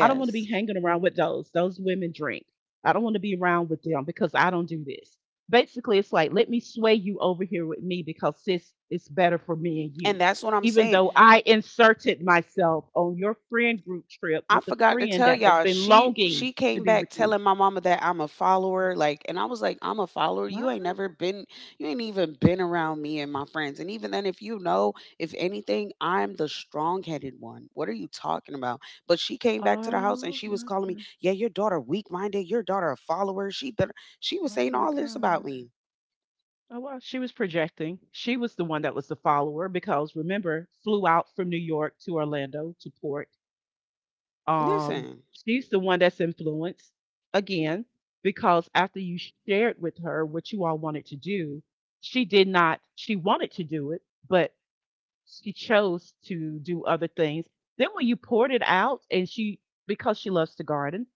Speaker 3: I don't want to be hanging around with those. Those women drink. I don't want to be around with them because I don't do this. Basically, it's like, let me sway you over here with me because sis, it's better for me and you.
Speaker 2: And that's what I'm
Speaker 3: Even
Speaker 2: saying.
Speaker 3: though I inserted myself on your friend group trip
Speaker 2: I
Speaker 3: with a
Speaker 2: forgot to
Speaker 3: friend
Speaker 2: tell
Speaker 3: that has
Speaker 2: y'all.
Speaker 3: been
Speaker 2: She
Speaker 3: longing
Speaker 2: she
Speaker 3: to
Speaker 2: came
Speaker 3: be with
Speaker 2: back
Speaker 3: you.
Speaker 2: telling my mama that I'm a follower. Like, and I was like, I'm a follower. You
Speaker 3: What?
Speaker 2: ain't never been. You ain't even been around me and
Speaker 3: What?
Speaker 2: my friends. And even then, if you know, if anything, I'm the strong headed one. What are you talking about? But she came back to the house and
Speaker 3: Oh
Speaker 2: she was
Speaker 3: my
Speaker 2: calling me.
Speaker 3: God.
Speaker 2: Yeah, your daughter weak minded. Your daughter a follower. She better. She was
Speaker 3: Oh
Speaker 2: saying
Speaker 3: my
Speaker 2: all this about
Speaker 3: God.
Speaker 2: me.
Speaker 3: Oh, well, she was projecting. She was the one that was the follower because remember, flew out from New York to Orlando to port. Um,
Speaker 2: Listen,
Speaker 3: she's the one that's influenced again because after you shared with her what you all wanted to do, she did not, she wanted to do it, but she chose to do other things. Then when you poured it out and she, because she loves to garden,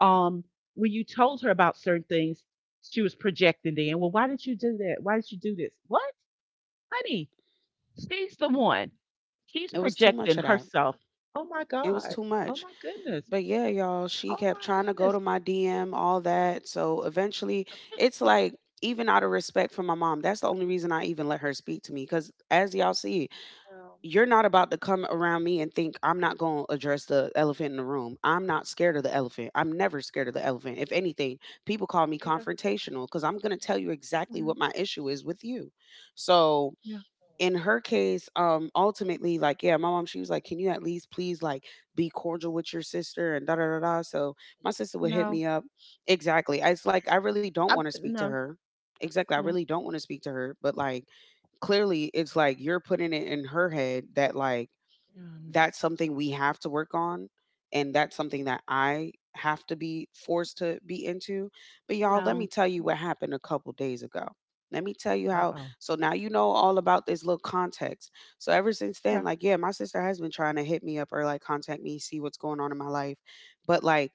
Speaker 3: um, when you told her about certain things, she was projecting then. Well, why did you do that? Why did you do this? What? Honey, she's the one. She's
Speaker 2: it was too much
Speaker 3: projecting
Speaker 2: of that.
Speaker 3: herself. Oh my
Speaker 2: It was
Speaker 3: God.
Speaker 2: too
Speaker 3: Oh
Speaker 2: much.
Speaker 3: my goodness.
Speaker 2: But yeah, y'all, she
Speaker 3: Oh
Speaker 2: kept
Speaker 3: my
Speaker 2: trying to go to
Speaker 3: goodness.
Speaker 2: my D M, all that. So eventually, it's like, even out of respect for my mom, that's the only reason I even let her speak to me. Because as y'all see,
Speaker 3: No,
Speaker 2: you're not about to come around me and think I'm not going to address the elephant in the room. I'm not scared of the elephant. I'm never scared of the elephant. If anything, people call
Speaker 3: me
Speaker 2: me
Speaker 3: neither.
Speaker 2: confrontational because I'm going to tell you exactly what
Speaker 3: No,
Speaker 2: my issue is with you. So
Speaker 3: yeah,
Speaker 2: in her case, um, ultimately, like, yeah, my mom, she was like, can you at least please like be cordial with your sister and da da da da? So my sister would hit
Speaker 3: no.
Speaker 2: me up. Exactly. It's like I really don't
Speaker 3: I,
Speaker 2: want to speak to
Speaker 3: no,
Speaker 2: her. Exactly. I
Speaker 3: no,
Speaker 2: really don't want to speak to her. But like clearly it's like you're putting it in her head that like
Speaker 3: um,
Speaker 2: that's something we have to work on and that's something that I have to be forced to be into. But y'all, let me
Speaker 3: no.
Speaker 2: tell you
Speaker 3: Yeah.
Speaker 2: what happened a couple days ago. Let me tell you
Speaker 3: Uh
Speaker 2: how,
Speaker 3: oh.
Speaker 2: so now you know all about this little context. So ever since then,
Speaker 3: Yeah,
Speaker 2: like yeah, my sister has been trying to hit me up or like contact me, see what's going on in my life. But like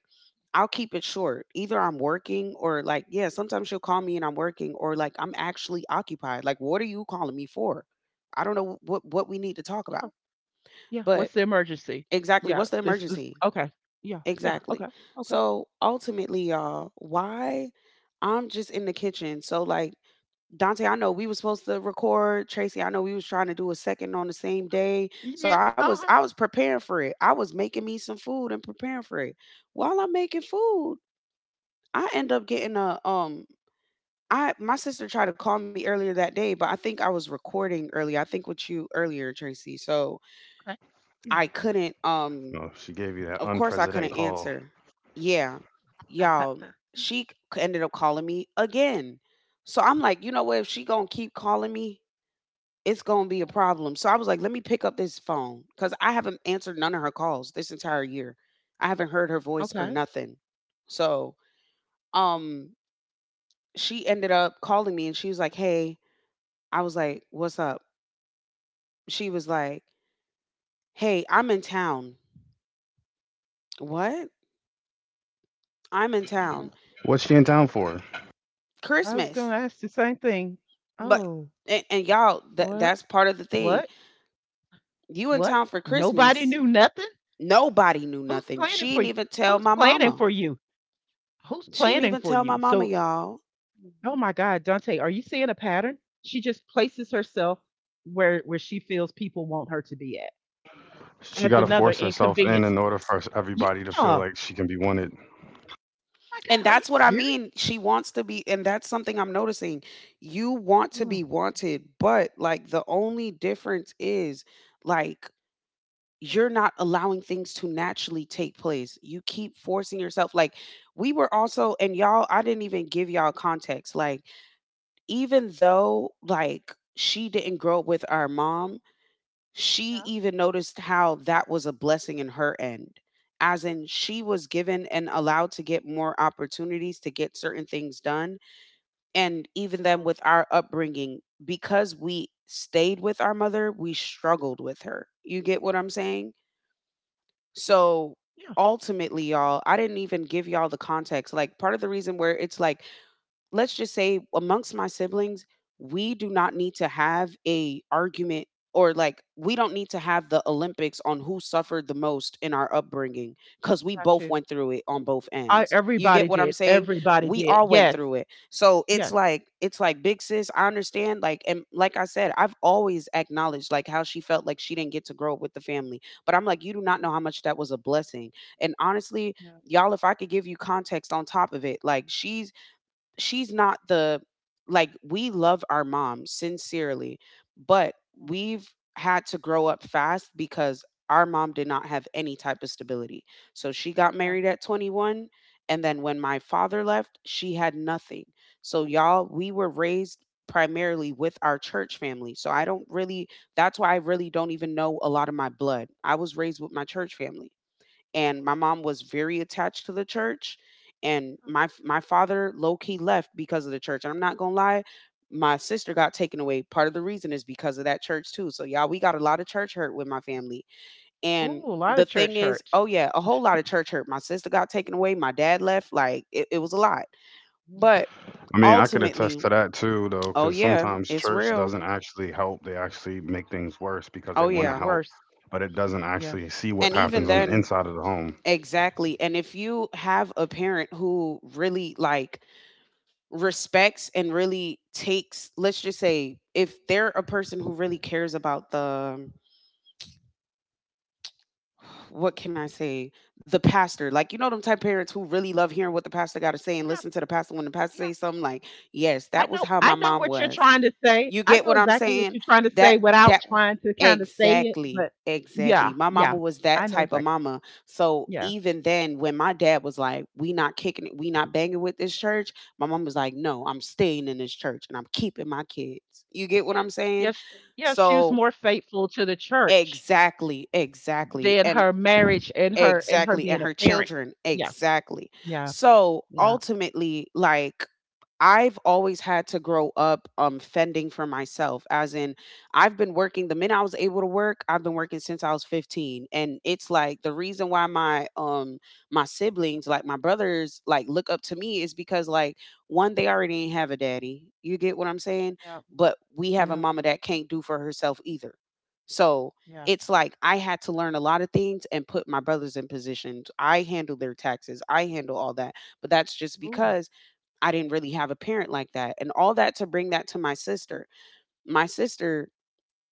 Speaker 2: I'll keep it short. Either I'm working or like yeah, sometimes she'll call me and I'm working or like I'm actually occupied. Like what are you calling me for? I don't know what what we need to talk about.
Speaker 3: yeah, yeah.
Speaker 2: But
Speaker 3: What's the emergency?
Speaker 2: exactly.
Speaker 3: Yeah,
Speaker 2: What's the
Speaker 3: this was
Speaker 2: emergency?
Speaker 3: okay. Yeah, yeah,
Speaker 2: Exactly.
Speaker 3: okay, okay.
Speaker 2: So ultimately, y'all, why I'm just in the kitchen. So like Dante, I know we was supposed to record. Tracy, I know we was trying to do a second on the same day.
Speaker 3: Yes,
Speaker 2: So I was
Speaker 3: uh-huh.
Speaker 2: I was preparing for it. I was making me some food and preparing for it. While I'm making food, I end up getting a um I, my sister tried to call me earlier that day, but I think I was recording earlier. I think with you earlier, Tracy. So
Speaker 3: Okay. Yeah.
Speaker 2: I
Speaker 3: [laughs]
Speaker 2: couldn't um
Speaker 1: No, she gave you that
Speaker 2: of course, I
Speaker 1: unprecedented
Speaker 2: couldn't
Speaker 1: call.
Speaker 2: answer. Yeah, y'all, she c- ended up calling me again. So I'm like, you know what? If she gonna keep calling me, it's gonna be a
Speaker 3: Yeah.
Speaker 2: problem. So I was like, let me pick up this phone because I haven't answered none of her calls this entire year. I haven't heard her voice or
Speaker 3: Okay.
Speaker 2: nothing. So um, she ended up calling me and she was like, hey. I was like, what's up? She was like, hey, I'm in town. What? I'm in
Speaker 3: Okay.
Speaker 2: town.
Speaker 1: What's she in town for?
Speaker 3: I was
Speaker 2: Christmas.
Speaker 3: gonna ask the same thing.
Speaker 2: But
Speaker 3: Oh,
Speaker 2: and, and y'all, that
Speaker 3: what?
Speaker 2: that's part of the thing.
Speaker 3: What?
Speaker 2: You in
Speaker 3: What?
Speaker 2: town for
Speaker 3: Nobody
Speaker 2: Christmas.
Speaker 3: knew nothing?
Speaker 2: Nobody knew
Speaker 3: Who's
Speaker 2: nothing.
Speaker 3: planning
Speaker 2: She
Speaker 3: for
Speaker 2: didn't
Speaker 3: you?
Speaker 2: even tell
Speaker 3: Who's
Speaker 2: my
Speaker 3: planning
Speaker 2: mama.
Speaker 3: for you? Who's
Speaker 2: She didn't
Speaker 3: planning
Speaker 2: even
Speaker 3: for
Speaker 2: tell my
Speaker 3: you?
Speaker 2: mama,
Speaker 3: So,
Speaker 2: y'all.
Speaker 3: oh my God, Dante, are you seeing a pattern? She just places herself where where she feels people want her to be at
Speaker 1: She
Speaker 3: as
Speaker 1: got to
Speaker 3: another
Speaker 1: force herself in
Speaker 3: inconvenience.
Speaker 1: in order for
Speaker 3: Yeah.
Speaker 1: everybody to feel
Speaker 3: Oh
Speaker 1: like she can be wanted.
Speaker 3: my
Speaker 2: And
Speaker 3: God, are you
Speaker 2: that's what I
Speaker 3: serious?
Speaker 2: mean. She wants to be, and that's something I'm noticing. You want to
Speaker 3: Mm,
Speaker 2: be wanted, but like the only difference is like you're not allowing things to naturally take place. You keep forcing yourself. Like we were also, and y'all, I didn't even give y'all context. Like even though like she didn't grow up with our mom, she
Speaker 3: yeah.
Speaker 2: even noticed how that was a blessing in her end. As in, she was given and allowed to get more opportunities to get certain things done. And even then,
Speaker 3: Uh-huh,
Speaker 2: with our upbringing, because we stayed with our mother, we struggled with her. You get what I'm saying?
Speaker 3: yeah.
Speaker 2: So
Speaker 3: Yeah.
Speaker 2: ultimately, y'all, I didn't even give y'all the context. Like, part of the reason where it's like, let's just say amongst my siblings, we do not need to have a argument or like we don't need to have the Olympics on who suffered the most in our upbringing cuz we
Speaker 3: Got
Speaker 2: both
Speaker 3: you.
Speaker 2: went through it on both
Speaker 3: I.
Speaker 2: ends. You
Speaker 3: Everybody
Speaker 2: get what I'm
Speaker 3: did.
Speaker 2: saying?
Speaker 3: Everybody
Speaker 2: We
Speaker 3: did.
Speaker 2: all went
Speaker 3: Yes.
Speaker 2: through it. So it's
Speaker 3: Yes.
Speaker 2: like, it's like big sis, I understand, like, and like I said, I've always acknowledged like how she felt like she didn't get to grow up with the family. But I'm like, you do not
Speaker 3: Yeah.
Speaker 2: know how much that was a blessing. And honestly,
Speaker 3: Yeah.
Speaker 2: y'all, if I could give you context on top of it, like she's she's not the, like we love our mom sincerely, but
Speaker 3: Yeah.
Speaker 2: we've had to grow up fast because our mom did not have any type of stability. So she got
Speaker 3: Yeah.
Speaker 2: married at twenty-one and then when my father left, she had nothing. So y'all, we were raised primarily with our church family. So I don't really, that's why I really don't even know a lot of my blood. I was raised with my church family and my mom was very attached to the church and my my father low key left because of the church and I'm not going to lie, my sister got taken away, part of the reason is because of that church too. So y'all, we got a lot of church hurt with my family. And
Speaker 3: Oh, a lot
Speaker 2: the
Speaker 3: of
Speaker 2: thing
Speaker 3: church
Speaker 2: is,
Speaker 3: hurt.
Speaker 2: oh yeah, a whole lot of church hurt. My sister got taken away, my dad left, like it, it was a lot.
Speaker 3: Mm,
Speaker 2: But
Speaker 1: I mean, I could attest
Speaker 2: ultimately,
Speaker 1: to that too, though,
Speaker 2: oh
Speaker 1: because
Speaker 2: yeah,
Speaker 1: sometimes
Speaker 2: it's
Speaker 1: church
Speaker 2: real.
Speaker 1: doesn't actually help. They actually make things worse because they
Speaker 2: Oh
Speaker 3: I mean,
Speaker 1: want to
Speaker 3: it's
Speaker 2: yeah.
Speaker 1: help,
Speaker 3: worse.
Speaker 1: but it doesn't actually
Speaker 3: Yes.
Speaker 1: see what
Speaker 2: And even
Speaker 1: happens on the
Speaker 2: then,
Speaker 1: inside of the home.
Speaker 2: exactly, and if you have a parent who really like respects and really takes, let's just say if they're a person who really cares about the, what can I say? The pastor, like you know, them type parents who really love hearing what the pastor got to say and listen to the pastor when the pastor
Speaker 3: Yeah,
Speaker 2: says something. Like, yes,
Speaker 3: I
Speaker 2: that was
Speaker 3: know.
Speaker 2: how
Speaker 3: I
Speaker 2: my
Speaker 3: know
Speaker 2: mom
Speaker 3: what you're
Speaker 2: was.
Speaker 3: trying to say.
Speaker 2: You
Speaker 3: I
Speaker 2: get
Speaker 3: know
Speaker 2: what I'm
Speaker 3: exactly what
Speaker 2: saying?
Speaker 3: you're trying to
Speaker 2: That
Speaker 3: say without
Speaker 2: that
Speaker 3: trying to kind of say it.
Speaker 2: exactly,
Speaker 3: But
Speaker 2: exactly.
Speaker 3: yeah,
Speaker 2: My mama
Speaker 3: yeah,
Speaker 2: was
Speaker 3: I
Speaker 2: that
Speaker 3: know
Speaker 2: type of
Speaker 3: exactly.
Speaker 2: mama. So
Speaker 3: Yeah,
Speaker 2: even then, when my dad was like, "We not kicking it, we not banging with this church," my mom was like, "No, I'm staying in this church and I'm keeping my kids." You get what
Speaker 3: yeah,
Speaker 2: I'm saying?
Speaker 3: yes, yeah. She was
Speaker 2: So
Speaker 3: more faithful to the church
Speaker 2: exactly, exactly,
Speaker 3: than
Speaker 2: and
Speaker 3: her marriage and her and her
Speaker 2: exactly,
Speaker 3: being
Speaker 2: and
Speaker 3: a
Speaker 2: her
Speaker 3: parent.
Speaker 2: children
Speaker 3: Yeah,
Speaker 2: exactly.
Speaker 3: yeah,
Speaker 2: So
Speaker 3: yeah,
Speaker 2: ultimately, like I've always had to grow up um fending for myself as in I've been working the minute I was able to work, I've been working since I was fifteen and it's like the reason why my um my siblings like my brothers like look up to me is because like one, they already ain't have a daddy. You get what I'm saying?
Speaker 3: yeah,
Speaker 2: But we have a
Speaker 3: yeah,
Speaker 2: mama that can't do for herself either. So
Speaker 3: yeah.
Speaker 2: it's like I had to learn a lot of things and put my brothers in positions. I handle their taxes. I handle all that. But that's just
Speaker 3: Ooh,
Speaker 2: because I didn't really have a parent like that. And all that to bring that to my sister. My sister,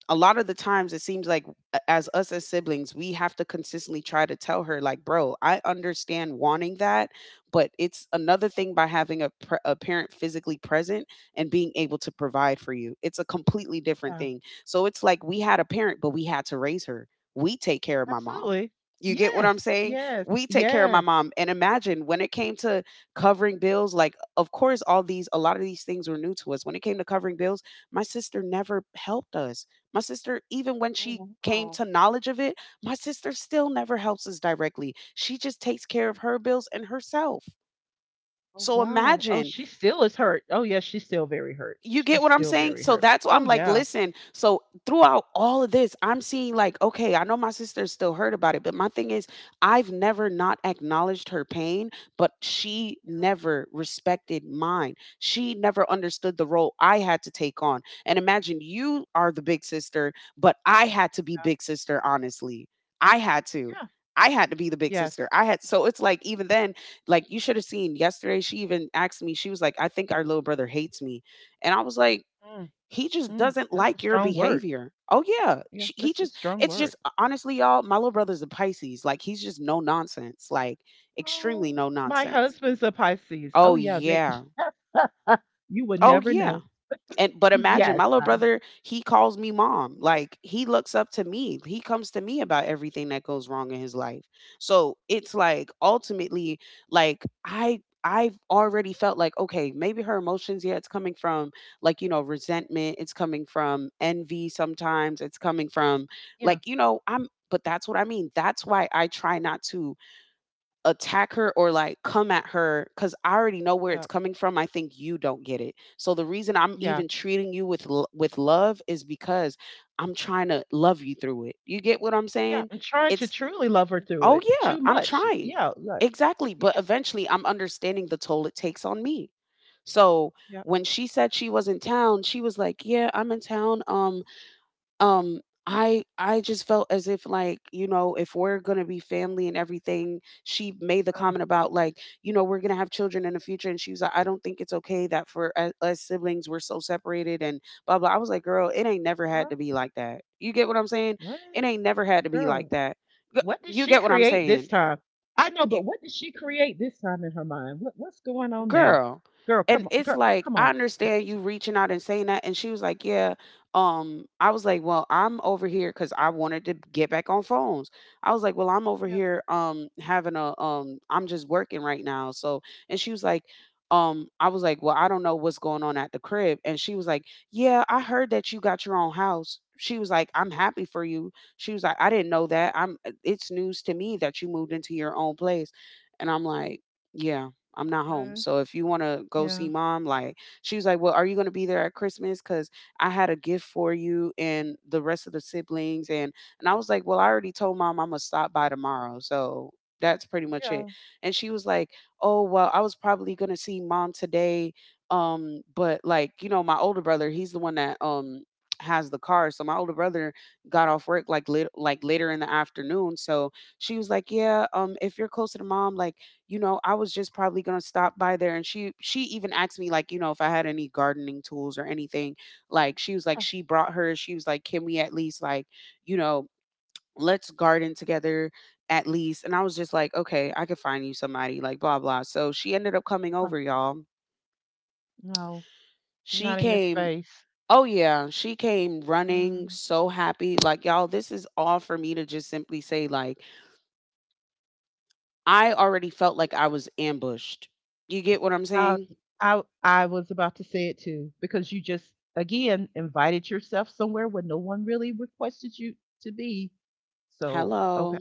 Speaker 2: a lot of the times it seems like, a- as us as siblings, we have to consistently try to tell her like, bro, I understand wanting that, but it's another thing by having a, pr- a parent physically present and being able to provide for you, it's a completely different
Speaker 3: yeah,
Speaker 2: thing. So it's like we had a parent but we had to raise her. We take care of my mom.
Speaker 3: absolutely.
Speaker 2: You get what I'm
Speaker 3: Yes,
Speaker 2: saying?
Speaker 3: yes,
Speaker 2: We take care of my
Speaker 3: yes.
Speaker 2: mom. And imagine when it came to covering bills, like of course all these, a lot of these things were new to us when it came to covering bills. My sister never helped us. My sister, even when
Speaker 3: Oh
Speaker 2: she came
Speaker 3: wow.
Speaker 2: to knowledge of it, my sister still never helps us directly. She just takes care of her bills and herself.
Speaker 3: Oh
Speaker 2: So
Speaker 3: wow. Oh,
Speaker 2: imagine,
Speaker 3: she still is hurt. Oh yeah, she's still very hurt.
Speaker 2: you get
Speaker 3: She's
Speaker 2: what I'm
Speaker 3: still
Speaker 2: saying?
Speaker 3: very
Speaker 2: So
Speaker 3: hurt.
Speaker 2: that's why
Speaker 3: Oh
Speaker 2: I'm like,
Speaker 3: yeah.
Speaker 2: listen. So throughout all of this, I'm seeing like, okay, I know my sister's still hurt about it, but my thing is, I've never not acknowledged her pain, but she
Speaker 3: Yeah.
Speaker 2: never respected mine. She never understood the role I had to take on. And imagine you are the big sister, but I had to be
Speaker 3: Yeah.
Speaker 2: big sister, honestly. I had to.
Speaker 3: Yeah.
Speaker 2: I had to be the big sister.
Speaker 3: Yes.
Speaker 2: I had, so it's like even then, like you should have seen yesterday. She even asked me. She was like, "I think our little brother hates me." And I was like,
Speaker 3: Mm,
Speaker 2: he just
Speaker 3: mm.
Speaker 2: doesn't
Speaker 3: That's a
Speaker 2: like your
Speaker 3: strong word.
Speaker 2: behavior. Oh yeah,
Speaker 3: Yeah,
Speaker 2: Sh- he
Speaker 3: that's a
Speaker 2: just,
Speaker 3: strong
Speaker 2: it's
Speaker 3: word.
Speaker 2: just honestly y'all, my little brother's a Pisces. Like he's just no nonsense, like extremely
Speaker 3: Oh,
Speaker 2: no
Speaker 3: my
Speaker 2: nonsense.
Speaker 3: husband's a Pisces. Oh
Speaker 2: Oh
Speaker 3: yeah, they.
Speaker 2: yeah.
Speaker 3: [laughs] You would
Speaker 2: Oh
Speaker 3: never
Speaker 2: yeah.
Speaker 3: know.
Speaker 2: And but imagine
Speaker 3: Yes.
Speaker 2: my little
Speaker 3: I,
Speaker 2: brother, he calls me mom. Like he looks up to me. He comes to me about everything that goes wrong in his life. So it's like ultimately, like I I've already felt like, okay, maybe her emotions, yeah, it's coming from like, you know, resentment, it's coming from envy sometimes, it's coming from
Speaker 3: yeah.
Speaker 2: like, you know, I'm, but that's what I mean. That's why I try not to attack her or like come at her because I already know where it's
Speaker 3: Yeah.
Speaker 2: coming from. I think you don't get it. So the reason I'm
Speaker 3: Yeah.
Speaker 2: even treating you with l- with love is because I'm trying to love you through it. You get what I'm
Speaker 3: Yeah.
Speaker 2: saying?
Speaker 3: I'm trying to
Speaker 2: It's
Speaker 3: truly love her through
Speaker 2: oh
Speaker 3: it.
Speaker 2: yeah,
Speaker 3: Too
Speaker 2: I'm
Speaker 3: much.
Speaker 2: trying,
Speaker 3: Yeah. Like.
Speaker 2: exactly, but
Speaker 3: Yes.
Speaker 2: eventually I'm understanding the toll it takes on me. So
Speaker 3: Yeah.
Speaker 2: when she said she was in town, she was like, "Yeah, I'm in town. Um, um i i just felt as if, like, you know, if we're gonna be family and everything. She made the
Speaker 3: Uh,
Speaker 2: comment about, like, you know, we're gonna have children in the future, and she was like, "I don't think it's okay that for u- us siblings we're so separated and blah blah." I was like, "Girl, it ain't never had
Speaker 3: what?
Speaker 2: to be like that. You get what I'm saying?
Speaker 3: What?
Speaker 2: It ain't never had to be like
Speaker 3: Girl,
Speaker 2: that." G-
Speaker 3: what did
Speaker 2: you
Speaker 3: she
Speaker 2: get what I'm
Speaker 3: create this
Speaker 2: saying,
Speaker 3: time? I know, but what did she create this time in her mind? What what's going on now?
Speaker 2: girl?
Speaker 3: Girl,
Speaker 2: And
Speaker 3: come on,
Speaker 2: it's
Speaker 3: girl,
Speaker 2: like,
Speaker 3: come
Speaker 2: I
Speaker 3: on.
Speaker 2: understand you reaching out and saying that. And she was like, "Yeah." um I was like, "Well, I'm over here because I wanted to get back on phones." I was like, "Well, I'm over
Speaker 3: Yeah,
Speaker 2: here um having a um I'm just working right now." So, and she was like, um I was like, "Well, I don't know what's going on at the crib." And she was like, "Yeah, I heard that you got your own house." She was like, "I'm happy for you." She was like, "I didn't know that. I'm uh, it's news to me that you moved into your own place." And I'm like, "Yeah, I'm not home.
Speaker 3: no,
Speaker 2: So if you want to go see
Speaker 3: yeah,
Speaker 2: mom, like." She was like, "Well, are you going to be there at Christmas? Cuz I had a gift for you and the rest of the siblings." And and I was like, "Well, I already told mom I'm going to stop by tomorrow." So that's pretty much it.
Speaker 3: yeah,
Speaker 2: And she was like, "Oh, well, I was probably going to see mom today, um but, like, you know, my older brother, he's the one that um has the car. So my older brother got off work like lit- like later in the afternoon." So she was like, "Yeah, um if you're closer to mom, like, you know, I was just probably gonna stop by there." And she she even asked me, like, you know, if I had any gardening tools or anything. Like, she was like,
Speaker 3: yeah.
Speaker 2: she brought her. She was like, "Can we at least, like, you know, let's garden together at least." And I was just like, "Okay, I could find you somebody," like blah blah. So she ended up coming
Speaker 3: Uh,
Speaker 2: over, y'all.
Speaker 3: no,
Speaker 2: She
Speaker 3: not in your
Speaker 2: came.
Speaker 3: space.
Speaker 2: Oh yeah, she came running
Speaker 3: Um,
Speaker 2: so happy. Like, y'all, this is all for me to just simply say, like, I already felt like I was ambushed. You get what I'm
Speaker 3: I,
Speaker 2: saying?
Speaker 3: I, I was about to say it too because you just again invited yourself somewhere where no one really requested you to be. So okay,
Speaker 2: Hello.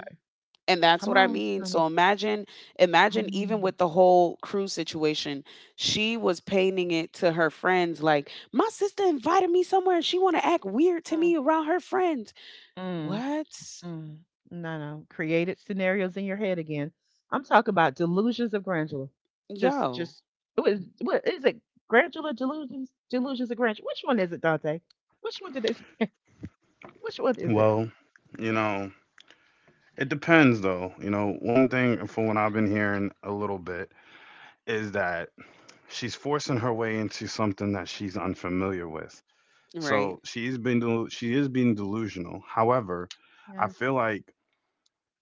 Speaker 2: And that's
Speaker 3: come
Speaker 2: what I
Speaker 3: on,
Speaker 2: mean. So
Speaker 3: honey.
Speaker 2: imagine, imagine even
Speaker 3: Mm,
Speaker 2: with the whole crew situation, she was painting it to her friends like, "My sister invited me somewhere and she want to act weird to
Speaker 3: mm,
Speaker 2: me around her friends."
Speaker 3: mm.
Speaker 2: What?
Speaker 3: Mm, no, no. Created scenarios in your head again. I'm talking about delusions of grandeur. Just,
Speaker 2: Yo,
Speaker 3: just what is, what is it? Grandeur delusions, delusions of grandeur. Which one is it, Dante? Which one did they? Which one is it?
Speaker 1: Well, you know, it depends though. You know, one thing from what I've been hearing a little bit is that she's forcing her way into something that she's unfamiliar with.
Speaker 2: right.
Speaker 1: So she's been delu- she is being delusional. However, I
Speaker 3: Yes.
Speaker 1: feel like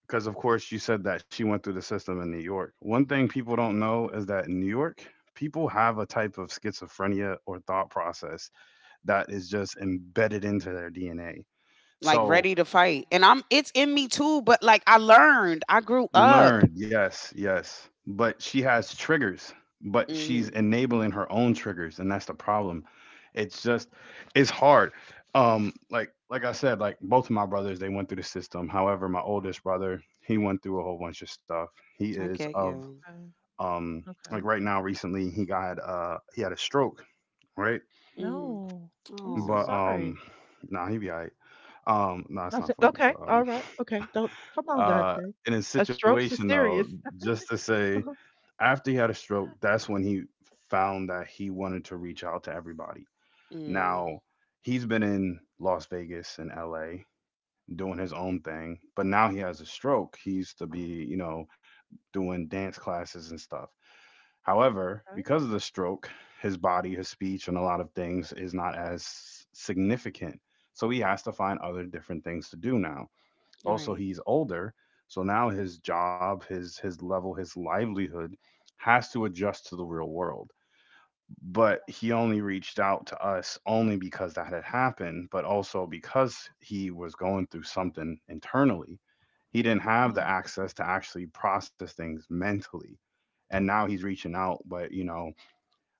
Speaker 1: because of course you said that she went through the system in New York. One thing people don't know
Speaker 3: Yeah,
Speaker 1: is that in New York, people have a type of schizophrenia or thought process that is just embedded into their D N A.
Speaker 2: Like
Speaker 1: So
Speaker 2: ready to fight. And I'm it's in me too, but like I learned. I grew up.
Speaker 1: learned, yes, yes. But she has triggers, but she's
Speaker 2: Mhm.
Speaker 1: enabling her own triggers, and that's the problem. It's just it's hard. Um, like like I said, like both of my brothers, they went through the system. However, my oldest brother, he went through a whole bunch of stuff. He
Speaker 2: I
Speaker 1: is
Speaker 2: get
Speaker 1: of
Speaker 2: you.
Speaker 3: okay.
Speaker 1: um like
Speaker 3: Okay.
Speaker 1: right now recently he got uh he had a stroke, right?
Speaker 2: Mhm.
Speaker 3: No, I'm so
Speaker 1: But
Speaker 2: Oh.
Speaker 1: um
Speaker 3: sorry.
Speaker 1: nah he be all right. Um no, nah, it's
Speaker 3: I
Speaker 1: not
Speaker 3: said,
Speaker 1: funny,
Speaker 3: okay.
Speaker 1: but
Speaker 3: All
Speaker 1: um
Speaker 3: right. Okay. Don't come on,
Speaker 1: uh
Speaker 3: Dante.
Speaker 1: in his
Speaker 3: A stroke's
Speaker 1: situation
Speaker 3: is
Speaker 1: though,
Speaker 3: serious. [laughs]
Speaker 1: just to say
Speaker 3: Okay.
Speaker 1: after he had a stroke, that's when he found that he wanted to reach out to everybody.
Speaker 2: Mm.
Speaker 1: Now, he's been in Las Vegas and L A doing his own thing, but now he has a stroke. He used to be, you know, doing dance classes and stuff. However, because of the stroke, his body, his speech, and a lot of things is not as significant. So he has to find other different things to do now.
Speaker 2: All
Speaker 1: Also,
Speaker 2: right.
Speaker 1: he's older, so now his job, his his level, his livelihood has to adjust to the real world. But he only reached out to us only because that had happened, but also because he was going through something internally. He didn't have the
Speaker 3: Mm,
Speaker 1: access to actually process things mentally. And now he's reaching out, but you know,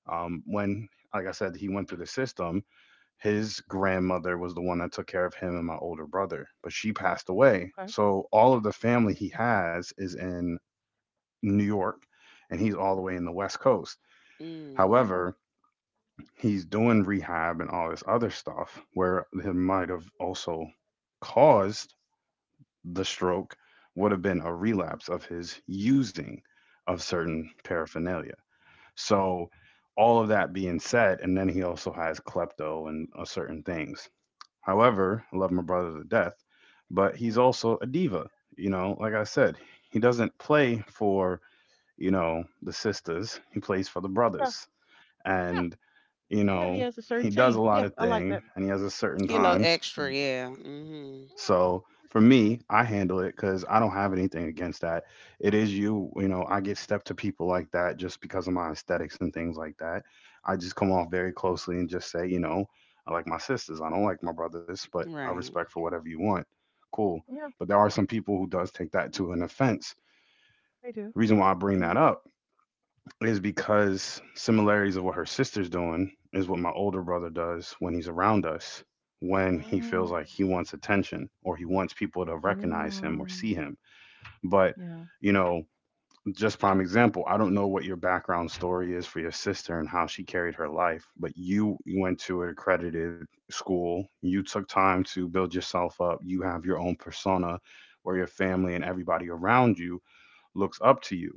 Speaker 1: um, when like I said, he went through the system. His grandmother was the one that took care of him and my older brother, but she passed away.
Speaker 3: okay.
Speaker 1: So all of the family he has is in New York and he's all the way in the West Coast.
Speaker 2: Mm.
Speaker 3: Oh.
Speaker 1: However, he's doing rehab and all this other stuff where it might have also caused the stroke would have been a
Speaker 3: Mm,
Speaker 1: relapse of his using of certain paraphernalia. So all of that being said, and then he also has klepto and uh, certain things. However, I love my brother to death, but he's
Speaker 3: yeah.
Speaker 1: also a diva. You know, like I said, he doesn't play for, you know, the sisters, he plays for the
Speaker 3: Yeah.
Speaker 1: brothers.
Speaker 3: Yeah.
Speaker 1: And, you
Speaker 3: Yeah. He
Speaker 1: know,
Speaker 3: has a certain
Speaker 1: he does a
Speaker 3: team.
Speaker 1: lot
Speaker 3: Yeah.
Speaker 1: of
Speaker 3: I like
Speaker 1: things,
Speaker 3: that.
Speaker 1: and he has a certain
Speaker 2: He a little
Speaker 3: Mhm.
Speaker 1: times.
Speaker 2: extra, yeah. Mhm.
Speaker 3: Yeah,
Speaker 1: So for
Speaker 3: it's okay.
Speaker 1: me, I handle it because I don't have anything against that. It is you, you know, I get stepped to people like that just because of my aesthetics and things like that. I just come off very closely and just say, you know, I like my sisters. I don't like my brothers, but I
Speaker 2: Right.
Speaker 1: respect for whatever you want. Cool.
Speaker 3: Yeah,
Speaker 1: But there are some people who does take that to an offense.
Speaker 3: I do.
Speaker 1: The reason why I bring
Speaker 3: Yeah.
Speaker 1: that up is because similarities of what her sister's doing is what my older brother does when he's around us, when he feels
Speaker 3: Mm.
Speaker 1: like he wants attention or he wants people to recognize him
Speaker 3: Yeah.
Speaker 1: or see him. But
Speaker 3: Yeah,
Speaker 1: you know, just prime example, I don't know what your background story is for your sister and how she carried her life, but you went to an accredited school, you took time to build yourself up, you have your own persona where your family and everybody around you looks up to you.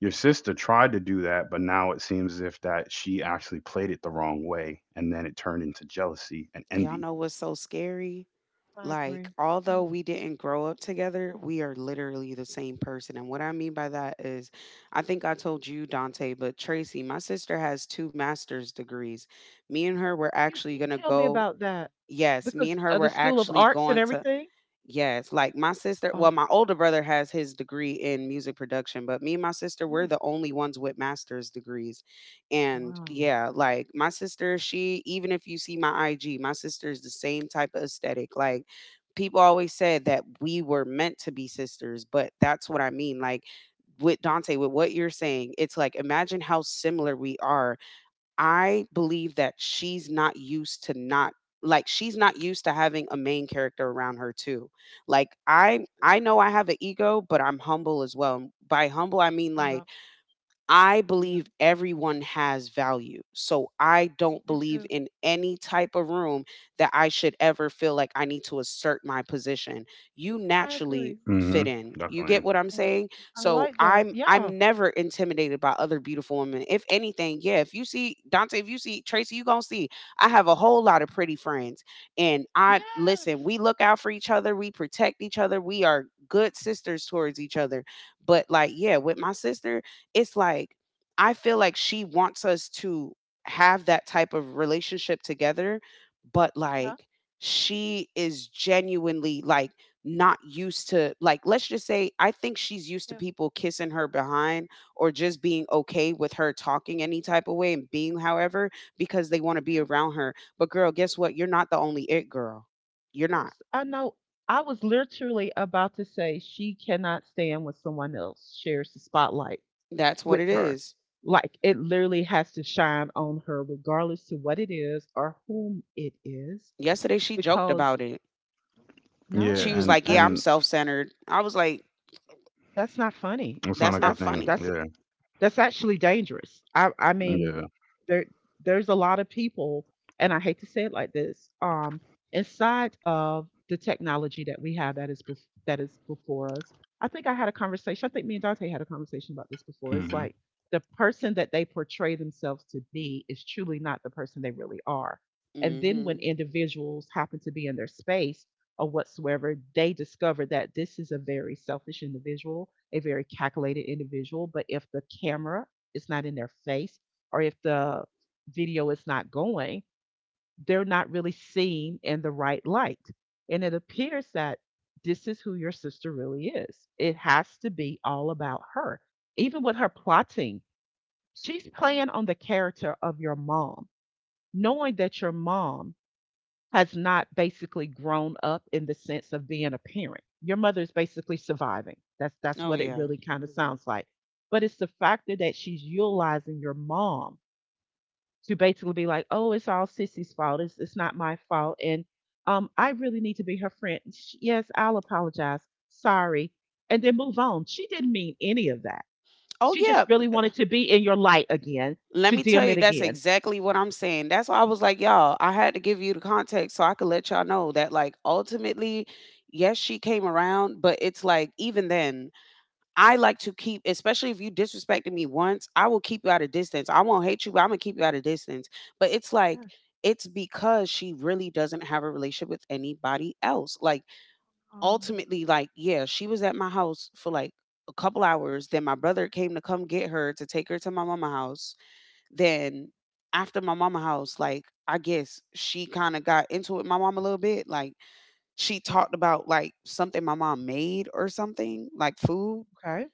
Speaker 1: Your sister tried to do that, but now it seems as if that she actually played it the wrong way, and then it turned into jealousy and
Speaker 2: Y'all
Speaker 1: envy.
Speaker 2: know what's so scary?
Speaker 3: I
Speaker 2: Like,
Speaker 3: agree.
Speaker 2: although
Speaker 3: You
Speaker 2: we didn't grow up together, we are literally the same person. And what I mean by that is, I think I told you, Dante, but Tracy, my sister has two master's degrees. Me and her were
Speaker 3: you
Speaker 2: actually
Speaker 3: did
Speaker 2: going to
Speaker 3: tell me
Speaker 2: go,
Speaker 3: about that
Speaker 2: yes, me
Speaker 3: because
Speaker 2: and her
Speaker 3: of the
Speaker 2: were
Speaker 3: School of
Speaker 2: actually
Speaker 3: Arts and
Speaker 2: going to.
Speaker 3: everything.
Speaker 2: Yes, like my sister,
Speaker 3: Oh,
Speaker 2: well, my older brother has his degree in music production, but me and my sister, we're
Speaker 3: ooh,
Speaker 2: the only ones with master's degrees. And
Speaker 3: wow.
Speaker 2: yeah, like my sister, she, even if you see my I G, my sister is the same type of aesthetic. Like, people always said that we were meant to be sisters, but that's what I mean. Like, with Dante, with what you're saying, it's like imagine how similar we are. I believe that she's not used to not, like, she's not used to having a main character around her too. Like, I
Speaker 3: Yeah,
Speaker 2: I know I have an ego, but I'm humble as well. And by humble I mean, like,
Speaker 3: yeah.
Speaker 2: I
Speaker 3: Yeah.
Speaker 2: believe everyone has value. So I
Speaker 3: I
Speaker 2: don't
Speaker 3: do
Speaker 2: believe
Speaker 3: too.
Speaker 2: in any type of room that I should ever feel like I need to assert my position. You
Speaker 3: I
Speaker 2: naturally
Speaker 3: agree.
Speaker 2: fit
Speaker 1: Hmm.
Speaker 2: in. You get
Speaker 1: Definitely.
Speaker 2: what I'm
Speaker 3: I agree.
Speaker 2: saying?
Speaker 3: I
Speaker 2: So
Speaker 3: like that.
Speaker 2: I'm
Speaker 3: Yeah.
Speaker 2: I'm never intimidated by other beautiful women. If anything, yeah, if you see Dante, if you see Tracy, you going to see I have a whole lot of pretty friends. And I listen,
Speaker 3: Yes.
Speaker 2: we look out for each other, we protect each other, we are good sisters towards each other. But, like, yeah, with my sister, it's like I feel like she wants us to have that type of relationship together, but
Speaker 3: Yeah.
Speaker 2: like she is genuinely, like, not used to, like, let's just say I think she's used to
Speaker 3: Yeah.
Speaker 2: people kissing her behind or just being okay with her talking any type of way and being however because they want to be
Speaker 3: Yeah.
Speaker 2: around her. But girl, guess what? You're not the only it girl. You're
Speaker 3: I'm,
Speaker 2: not.
Speaker 3: s- I know. I was literally about to say she cannot stand when someone else shares the spotlight.
Speaker 2: That's what
Speaker 3: With
Speaker 2: it
Speaker 3: her.
Speaker 2: is.
Speaker 3: Like it literally has to shine on her, regardless to what it is or whom it is,
Speaker 2: Yesterday she joked
Speaker 3: because
Speaker 2: about it.
Speaker 1: Yeah,
Speaker 2: She
Speaker 3: no,
Speaker 2: was
Speaker 1: and
Speaker 2: like, "Yeah,
Speaker 3: that's
Speaker 2: I'm
Speaker 1: and
Speaker 2: self-centered." I was like,
Speaker 3: that's not
Speaker 1: it's
Speaker 3: funny.
Speaker 1: not a
Speaker 2: that's
Speaker 1: good
Speaker 2: not
Speaker 3: That's
Speaker 1: thing.
Speaker 2: funny.
Speaker 3: that's
Speaker 1: Yeah,
Speaker 3: That's actually dangerous. I I mean,
Speaker 1: yeah.
Speaker 3: there there's a lot of people, and I hate to say it like this, um, inside of the technology that we have that is bef- that is before us. I think I had a conversation. I think me and Dante had a conversation about this before. It's
Speaker 1: Hmm.
Speaker 3: like the person that they portray themselves to be is truly not the person they really are. And then when
Speaker 2: Mhm.
Speaker 3: individuals happen to be in their space or whatsoever, they discover that this is a very selfish individual, a very calculated individual. But if the camera is not in their face or if the video is not going, they're not really seen in the right light. And it appears that this is who your sister really is. It has to be all about her. Even with her plotting, she's playing on the character of your mom, knowing that your mom has not basically grown up in the sense of being a parent. Your mother is basically surviving. That's that's
Speaker 2: Oh
Speaker 3: what it
Speaker 2: yeah.
Speaker 3: really kind of sounds like. But it's the factor that she's utilizing your mom to basically be like, "Oh, it's all Sissy's fault. It's it's not my fault." And um, I really need to be her friend. Sh- Yes, I'll apologize. Sorry, and then move on. She didn't mean any of that.
Speaker 2: Oh
Speaker 3: She just
Speaker 2: yeah. b-
Speaker 3: really
Speaker 2: uh,
Speaker 3: wanted to be in your light again,
Speaker 2: Let
Speaker 3: to
Speaker 2: me tell
Speaker 3: dim
Speaker 2: you,
Speaker 3: it
Speaker 2: that's
Speaker 3: again.
Speaker 2: exactly what I'm saying. That's why I was like, y'all, I had to give you the context so I could let y'all know that, like, ultimately, yes, she came around, but it's like even then, I like to keep, especially if you disrespected me once, I will keep you at a distance. I won't hate you, but I'm gonna keep you at a distance. But it's like
Speaker 3: Yes.
Speaker 2: it's because she really doesn't have a relationship with anybody else. Like,
Speaker 3: Oh,
Speaker 2: ultimately, like, yeah, she was at my house for like a couple hours. Then my brother came to come get her to take her to my mama house. Then after my mama house, like, I guess she kind of got into it with my mom a little bit. Like,
Speaker 3: oh
Speaker 2: she talked
Speaker 3: goodness.
Speaker 2: about like something my mom made or something, like food,
Speaker 3: Okay.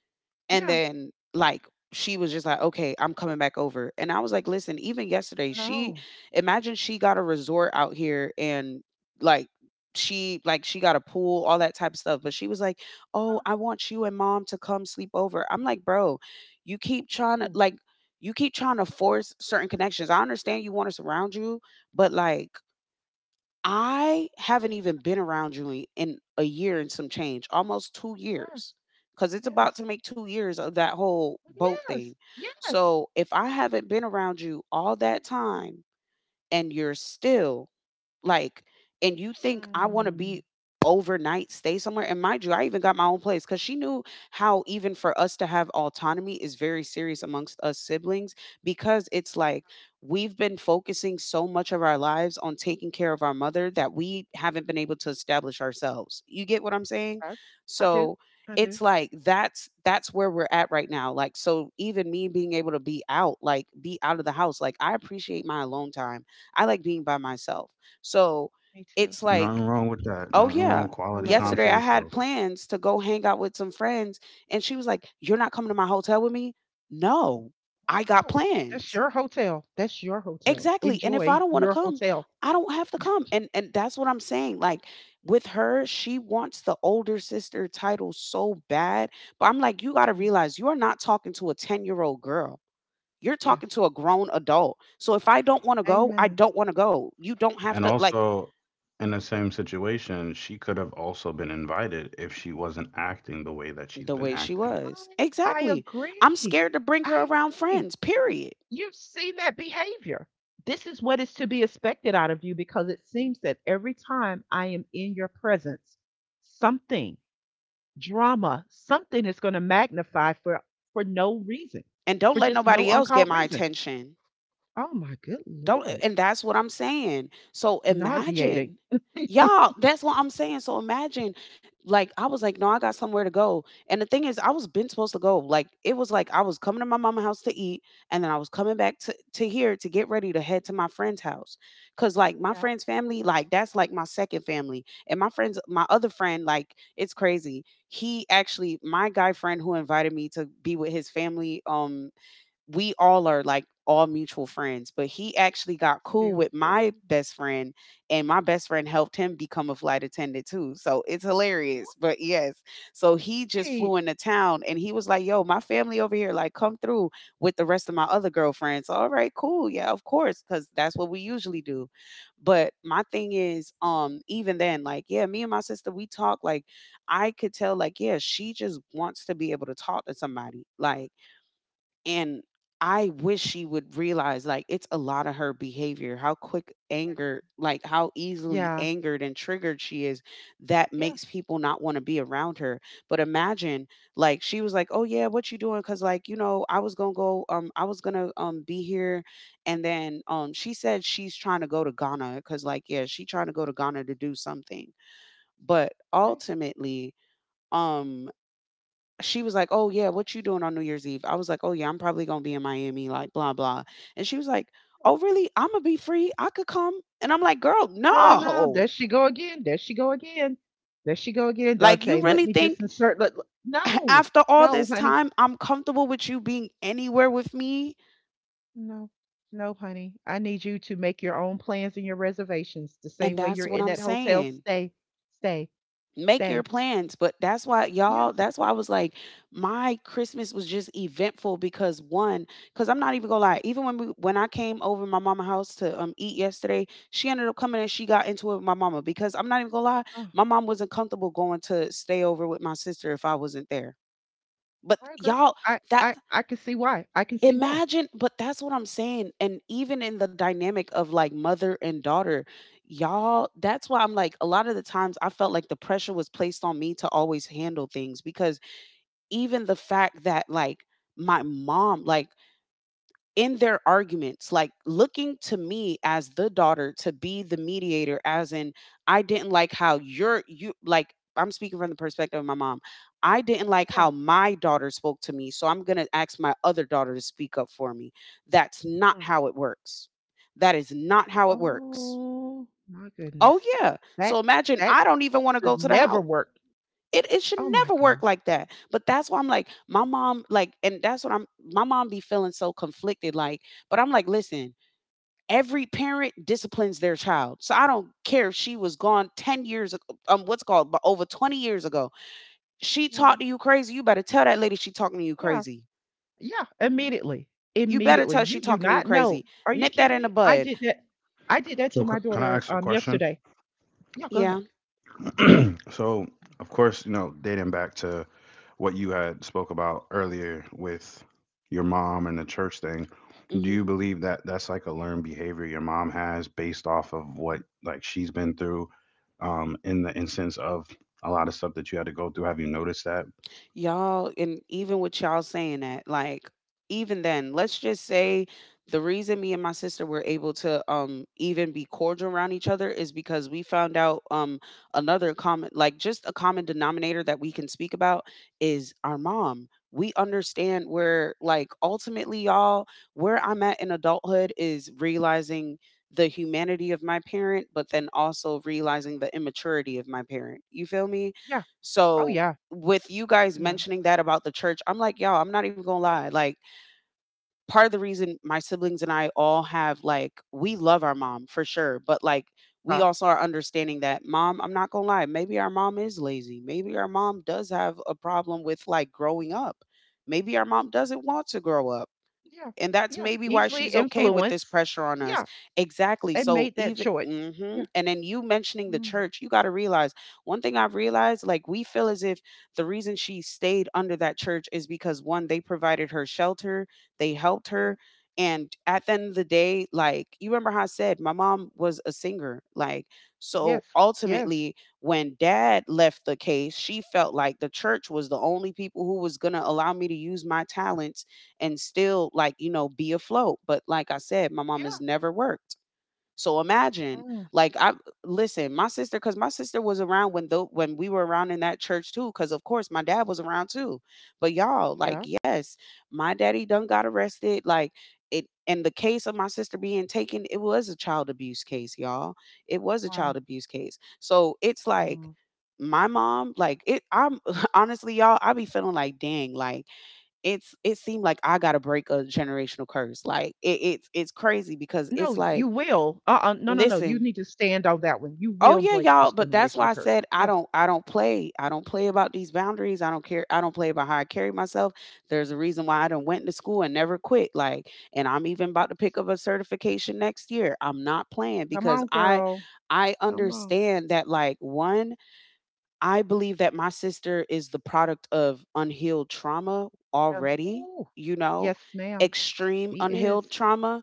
Speaker 2: and
Speaker 3: Yeah.
Speaker 2: then, like, she was just like, "Okay, I'm coming back over." And I was like, "Listen, even yesterday, she
Speaker 3: No.
Speaker 2: imagine she got a resort out here and, like, she like she got a pool, all that type of stuff, but she was like, "Oh, I want you and mom to come sleep over." I'm like, "Bro, you keep trying to
Speaker 3: Oh,
Speaker 2: like, you keep trying to force certain connections. I understand you want to surround you, but like I haven't even been around you in, in a year and some change, almost two
Speaker 3: yes,
Speaker 2: years, because it's about to
Speaker 3: yes,
Speaker 2: make two years of that whole boat thing.
Speaker 3: yes, yes.
Speaker 2: So if I haven't been around you all that time and you're still like, and you think I want to
Speaker 3: Mm.
Speaker 2: be overnight, stay somewhere." And mind you, I even got my own place because she knew how, even for us to have autonomy, is very serious amongst us siblings because it's like we've been focusing so much of our lives on taking care of our mother that we haven't been able to establish ourselves. You get what I'm saying?
Speaker 3: I, I do.
Speaker 2: So,
Speaker 3: I
Speaker 2: it's
Speaker 3: do.
Speaker 2: like that's that's where we're at right now. Like, so even me being able to be out, like be out of the house, like I appreciate my alone time. I like being by myself. So
Speaker 3: Me too.
Speaker 2: it's like,
Speaker 1: Nothing wrong with that.
Speaker 2: oh
Speaker 1: Nothing wrong
Speaker 2: yeah,
Speaker 1: with
Speaker 3: I
Speaker 1: quality
Speaker 3: love it
Speaker 1: time
Speaker 2: yesterday
Speaker 1: to
Speaker 2: I
Speaker 3: too.
Speaker 2: had
Speaker 1: yourself.
Speaker 2: plans to go hang out with some friends. And she was like, "You're not coming to my hotel with me?" No, I got
Speaker 3: Oh, that's
Speaker 2: plans.
Speaker 3: your hotel. That's your hotel.
Speaker 2: Exactly. And if I
Speaker 3: Enjoy
Speaker 2: don't want to
Speaker 3: your
Speaker 2: come,
Speaker 3: hotel.
Speaker 2: I don't have to come. And and that's what I'm saying. Like, with her, she wants the older sister title so bad. But I'm like, you gotta
Speaker 3: Mm.
Speaker 2: realize you are not talking to a ten-year-old girl. You're talking
Speaker 3: Yes.
Speaker 2: to a grown adult. So if I don't want to go, I
Speaker 3: Amen.
Speaker 2: don't want to go. You don't have
Speaker 1: And
Speaker 2: to like
Speaker 1: also, in the same situation, she could have also been invited if she wasn't acting the way that she's
Speaker 2: the
Speaker 1: been
Speaker 2: way she
Speaker 1: acting.
Speaker 2: was.
Speaker 3: I, I
Speaker 2: Exactly. I'm
Speaker 3: agree.
Speaker 2: scared to bring her
Speaker 3: I
Speaker 2: around
Speaker 3: agree.
Speaker 2: friends, period.
Speaker 3: You've seen that behavior. This is what is to be expected out of you because it seems that every time I am in your presence, something drama, something is gonna magnify for for no reason,
Speaker 2: And don't
Speaker 3: for
Speaker 2: let
Speaker 3: just no
Speaker 2: nobody else get
Speaker 3: uncalled
Speaker 2: my
Speaker 3: reason.
Speaker 2: attention.
Speaker 3: Oh my good
Speaker 2: Don't,
Speaker 3: lord.
Speaker 2: and that's what I'm saying. So imagine.
Speaker 3: Nauseating.
Speaker 2: Y'all, that's what I'm saying. So imagine, like, I was like, "No, I got somewhere to go." And the thing is, I was been supposed to go. Like, it was like I was coming to my mama house to eat, and then I was coming back to, to here to get ready to head to my friend's house. Cause like my
Speaker 3: Yeah,
Speaker 2: friend's family, like that's like my second family. And my friends, my other friend, like, it's crazy. He actually, my guy friend who invited me to be with his family, um, we all are like all mutual friends, but he actually got
Speaker 3: that's
Speaker 2: cool with
Speaker 3: beautiful.
Speaker 2: my best friend, and my best friend helped him become a flight attendant too. So it's hilarious, but yes. So he just flew
Speaker 3: Right.
Speaker 2: into town and he was like, "Yo, my family over here, like, come through with the rest of my other girlfriends." All right, cool. Yeah, of course, because that's what we usually do. But my thing is, um, even then, like, yeah, me and my sister, we talk, like, I could tell, like, yeah, she just wants to be able to talk to somebody. Like, and I wish she would realize like it's a lot of her behavior, how quick
Speaker 3: Yeah.
Speaker 2: anger, like how easily
Speaker 3: Yeah.
Speaker 2: angered and triggered she is that
Speaker 3: Yes.
Speaker 2: makes people not want to be around her. But imagine like she was like, "Oh yeah, what you doing?" Cuz like, you know, I was going to go um I was going to um be here and then um she said she's trying to go to Ghana cuz like yeah, she trying to go to Ghana to do something. But
Speaker 3: Right.
Speaker 2: ultimately, um she was like, "Oh yeah, what you doing on New Year's Eve?" I was like, "Oh yeah, I'm probably gonna be in Miami, like blah blah." And she was like,
Speaker 3: Yeah.
Speaker 2: "Oh really? I'm gonna be free. I could come." And I'm like, "Girl,
Speaker 3: Oh no,
Speaker 2: no!
Speaker 3: there she go again. There she go again. There she go again,
Speaker 2: Like you
Speaker 3: Dante. Let
Speaker 2: really
Speaker 3: me just
Speaker 2: think
Speaker 3: insert. Let, let-
Speaker 2: [laughs]
Speaker 3: no,
Speaker 2: after all
Speaker 3: no,
Speaker 2: this
Speaker 3: honey,
Speaker 2: time I'm comfortable with you being anywhere with me?"
Speaker 3: no, no, honey. I need you to make your own plans and your reservations the
Speaker 2: And
Speaker 3: same way
Speaker 2: that's
Speaker 3: you're
Speaker 2: what
Speaker 3: in
Speaker 2: I'm
Speaker 3: that hotel.
Speaker 2: saying.
Speaker 3: Stay, stay,
Speaker 2: Make your
Speaker 3: stay.
Speaker 2: plans, but that's why
Speaker 3: Yeah.
Speaker 2: y'all, that's why I was like, my Christmas was just eventful because one, because I'm not even gonna lie, even when we when I came over to my mama's house to um eat yesterday, she ended up coming and she got into it with my mama because I'm not even gonna lie,
Speaker 3: Oh,
Speaker 2: my mom wasn't comfortable going to stay over with my sister if I wasn't there, but
Speaker 3: I agree.
Speaker 2: y'all
Speaker 3: I
Speaker 2: that.
Speaker 3: I I can see why. I can see why.
Speaker 2: Imagine, but that's what I'm saying, and even in the dynamic of, like, mother and daughter, y'all that's why I'm like, a lot of the times I felt like the pressure was placed on me to always handle things because even the fact that, like, my mom like, in their arguments, like looking to me as the daughter to be the mediator, as in, I didn't like how you're, you like, I'm speaking from the perspective of my mom. I didn't like
Speaker 3: Yeah.
Speaker 2: how my daughter spoke to me, so I'm going to ask my other daughter to speak up for me. That's not
Speaker 3: Mm.
Speaker 2: how it works. That is not how it works.
Speaker 3: Oh my
Speaker 2: Oh,
Speaker 3: goodness.
Speaker 2: yeah. So
Speaker 3: That
Speaker 2: imagine
Speaker 3: that
Speaker 2: I don't even want to go
Speaker 3: should
Speaker 2: to the
Speaker 3: never
Speaker 2: house.
Speaker 3: work.
Speaker 2: It, it should
Speaker 3: Oh my
Speaker 2: never work
Speaker 3: god.
Speaker 2: like that. But that's why I'm like, my mom, like, and that's what I'm, my mom be feeling so conflicted. Like, but I'm like, listen, every parent disciplines their child. So I don't care if she was gone ten years um, what's called but over twenty years ago. She
Speaker 3: Yeah.
Speaker 2: talked to you crazy. You better tell that lady she talking to you
Speaker 3: Yeah.
Speaker 2: crazy.
Speaker 3: Yeah. Immediately.
Speaker 2: You better
Speaker 3: Immediately.
Speaker 2: tell she
Speaker 3: You do
Speaker 2: talking to you
Speaker 3: not know.
Speaker 2: crazy.
Speaker 3: Are you
Speaker 2: Nip that
Speaker 3: kidding
Speaker 2: in the
Speaker 3: me? I
Speaker 2: bud.
Speaker 3: did that. I did that
Speaker 1: So,
Speaker 3: to
Speaker 1: c-
Speaker 3: my
Speaker 1: can I
Speaker 3: daughter
Speaker 1: ask a
Speaker 3: um
Speaker 1: question?
Speaker 3: yesterday. Yeah, go ahead.
Speaker 2: Yeah.
Speaker 1: [clears throat] so, of course, you know, dating back to what you had spoke about earlier with your mom and the church thing, do you
Speaker 2: Hmm.
Speaker 1: believe that that's like a learned behavior your mom has based off of what
Speaker 3: Mm.
Speaker 1: like she's been through, um, in the instance of a lot of stuff that you had to go through? Have you noticed that?
Speaker 2: Y'all, and even with y'all saying that, like, even then, let's just say the reason me and my sister were able to um even be cordial around each other is because we found out um another common like just a common denominator that we can speak about is our mom. We understand where like ultimately y'all, where I'm at in adulthood is realizing the humanity of my parent, but then also realizing the immaturity of my parent. You feel me?
Speaker 3: Yeah. Oh
Speaker 2: So
Speaker 3: yeah.
Speaker 2: with you guys
Speaker 3: Yeah.
Speaker 2: mentioning that about the church, I'm like, y'all, I'm not even gonna lie. Like, part of the reason my siblings and I all have, like, we love our mom for sure, but like, we
Speaker 3: Uh,
Speaker 2: also are understanding that mom, I'm not gonna lie, maybe our mom is lazy. Maybe our mom does have a problem with like growing up. Maybe our mom doesn't want to grow up,
Speaker 3: yeah.
Speaker 2: and that's
Speaker 3: Yeah.
Speaker 2: maybe why
Speaker 3: Easily
Speaker 2: she's okay with this
Speaker 3: influenced.
Speaker 2: pressure on us.
Speaker 3: Yeah.
Speaker 2: Exactly.
Speaker 3: They
Speaker 2: So
Speaker 3: made that
Speaker 2: even
Speaker 3: choice.
Speaker 2: hmm,
Speaker 3: Yeah.
Speaker 2: and then you mentioning the
Speaker 3: Mm.
Speaker 2: church, you got to realize one thing I've realized, like we feel as if the reason she stayed under that church is because one, they provided her shelter, they helped
Speaker 3: Yeah.
Speaker 2: her, and at the end of the day, like you remember how I said my mom was a singer, like so
Speaker 3: Yes. Yes.
Speaker 2: ultimately when dad left the case, she felt like the church was the only people who was going to allow me to use my talents and still like, you know, be afloat. But like I said, my mom
Speaker 3: Yeah.
Speaker 2: has never worked. So imagine
Speaker 3: Mm,
Speaker 2: like I, listen, my sister, because my sister was around when the when we were around in that church too because of course my dad was around too, but y'all, like
Speaker 3: yeah.
Speaker 2: yes, my daddy done got arrested, like it and the case of my sister being taken, it was a child abuse case y'all, it was a child
Speaker 3: Wow.
Speaker 2: abuse case. So it's like
Speaker 3: Wow.
Speaker 2: my mom like it, I'm [laughs] honestly y'all, I be feeling like dang, like it's it seemed like I gotta break a generational curse. Like it, it's it's crazy because
Speaker 3: No,
Speaker 2: it's like,
Speaker 3: you will. Uh-uh. No, no, no. You
Speaker 2: listen,
Speaker 3: need to stand on that one. You
Speaker 2: oh
Speaker 3: will
Speaker 2: yeah,
Speaker 3: break
Speaker 2: y'all,
Speaker 3: this
Speaker 2: but that's why
Speaker 3: generational
Speaker 2: I
Speaker 3: curse.
Speaker 2: said I
Speaker 3: Yes.
Speaker 2: don't I don't play. I don't play about these boundaries. I don't care, I don't play about how I carry myself. There's a reason why I done went to school and never quit. Like, and I'm even about to pick up a certification next year. I'm not playing
Speaker 3: Come
Speaker 2: because
Speaker 3: on,
Speaker 2: I
Speaker 3: girl.
Speaker 2: I
Speaker 3: Come on.
Speaker 2: understand that like one, I believe that my sister is the product of unhealed trauma
Speaker 3: Yeah.
Speaker 2: already,
Speaker 3: Ooh.
Speaker 2: you know,
Speaker 3: Yes, ma'am.
Speaker 2: extreme
Speaker 3: She is.
Speaker 2: unhealed trauma.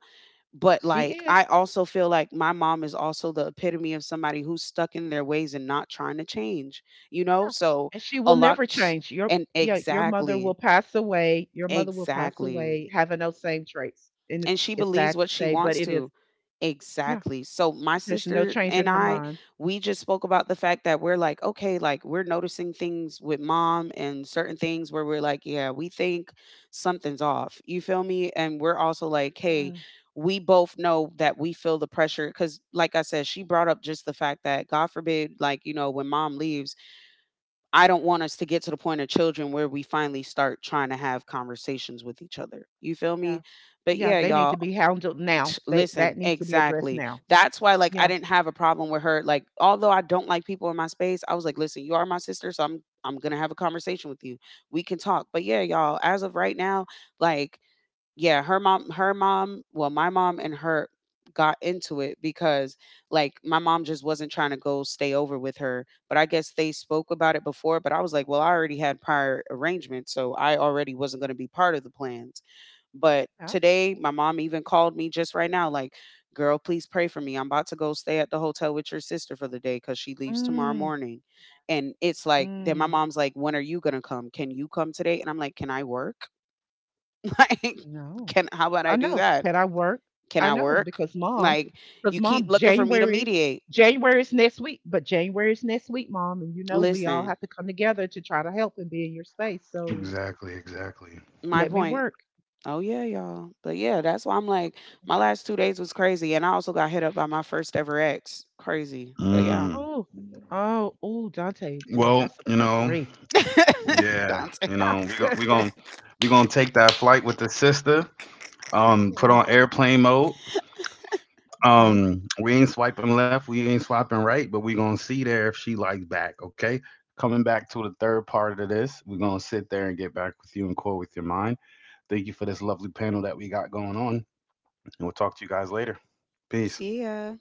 Speaker 2: But
Speaker 3: She
Speaker 2: like,
Speaker 3: is.
Speaker 2: I also feel like my mom is also the epitome of somebody who's stuck in their ways and not trying to change, you know?
Speaker 3: Yeah.
Speaker 2: So
Speaker 3: And she
Speaker 2: a
Speaker 3: will never
Speaker 2: lot,
Speaker 3: change. Your
Speaker 2: and
Speaker 3: yeah, your mother will
Speaker 2: exactly,
Speaker 3: pass away. Your mother will pass
Speaker 2: exactly,
Speaker 3: away having those same traits. And
Speaker 2: and
Speaker 3: it's
Speaker 2: she
Speaker 3: it's
Speaker 2: believes
Speaker 3: sad
Speaker 2: what
Speaker 3: to
Speaker 2: she
Speaker 3: say, but
Speaker 2: wants
Speaker 3: it is.
Speaker 2: to.
Speaker 3: Yeah.
Speaker 2: Exactly. So my
Speaker 3: There's no
Speaker 2: sister
Speaker 3: change in
Speaker 2: and
Speaker 3: her
Speaker 2: I,
Speaker 3: mind.
Speaker 2: we just spoke about the fact that we're like, okay, like we're noticing things with mom and certain things where we're like, yeah, we think something's off. You feel me? And we're also like, hey,
Speaker 3: Mm.
Speaker 2: we both know that we feel the pressure because, like I said, she brought up just the fact that, God forbid, like, you know, when mom leaves, I don't want us to get to the point of children where we finally start trying to have conversations with each other. You feel
Speaker 3: Yeah.
Speaker 2: me? But
Speaker 3: Yeah,
Speaker 2: yeah,
Speaker 3: they need
Speaker 2: y'all,
Speaker 3: to be handled now.
Speaker 2: T-
Speaker 3: They
Speaker 2: listen,
Speaker 3: that needs to be addressed
Speaker 2: exactly,
Speaker 3: now.
Speaker 2: that's why like I
Speaker 3: Yeah.
Speaker 2: didn't have a problem with her, like although I don't like people in my space, I was like listen, you are my sister so i'm i'm gonna have a conversation with you. We can talk, but yeah y'all, as of right now, like yeah, her mom, her mom, well, my mom and her got into it because like my mom just wasn't trying to go stay over with her, but I guess they spoke about it before, but I was like, well, I already had prior arrangements, so I already wasn't going to be part of the plans. But
Speaker 3: Yeah.
Speaker 2: today my mom even called me just right now like, "Girl, please pray for me. I'm about to go stay at the hotel with your sister for the day cuz she leaves tomorrow
Speaker 3: Mm,
Speaker 2: morning." And it's like then my
Speaker 3: mm,
Speaker 2: mom's like, "When are you going to come? Can you come today?" And I'm like, "Can I work?" [laughs] Like,
Speaker 3: no.
Speaker 2: can how about
Speaker 3: I
Speaker 2: I do
Speaker 3: know.
Speaker 2: that?
Speaker 3: Can I work?
Speaker 2: Can
Speaker 3: I
Speaker 2: I
Speaker 3: know
Speaker 2: work?
Speaker 3: because mom,
Speaker 2: Like,
Speaker 3: because
Speaker 2: you
Speaker 3: mom,
Speaker 2: keep looking for me to
Speaker 3: January,
Speaker 2: mediate.
Speaker 3: January is next week, but January is next week, mom, and you know we all
Speaker 2: Listen,
Speaker 3: have to come together to try to help and be in your space. So
Speaker 1: Exactly, exactly.
Speaker 2: my
Speaker 3: let me
Speaker 2: point.
Speaker 3: work.
Speaker 2: Oh yeah, y'all. But yeah, that's why I'm like, my last two days was crazy, and I also got hit up by my first ever ex. Crazy, but yeah,
Speaker 1: Mm.
Speaker 3: Oh, oh, oh, Dante. Ooh,
Speaker 1: Well,
Speaker 3: that's a
Speaker 1: you
Speaker 3: part
Speaker 1: know,
Speaker 3: three.
Speaker 2: [laughs]
Speaker 1: yeah, you
Speaker 2: Dante.
Speaker 1: know, we gon' we gon'
Speaker 3: [laughs]
Speaker 1: we gonna take that flight with the sister. Um, put
Speaker 3: Oh,
Speaker 1: on airplane mode.
Speaker 3: okay.
Speaker 1: Um, we ain't swiping left, we ain't swiping right, but we gonna see there if she likes back. Okay. Coming back to the third part of this, we're gonna sit there and get back with you and core with your mind. Thank you for this lovely panel that we got going on, and we'll talk to you guys later. Peace.
Speaker 2: See ya.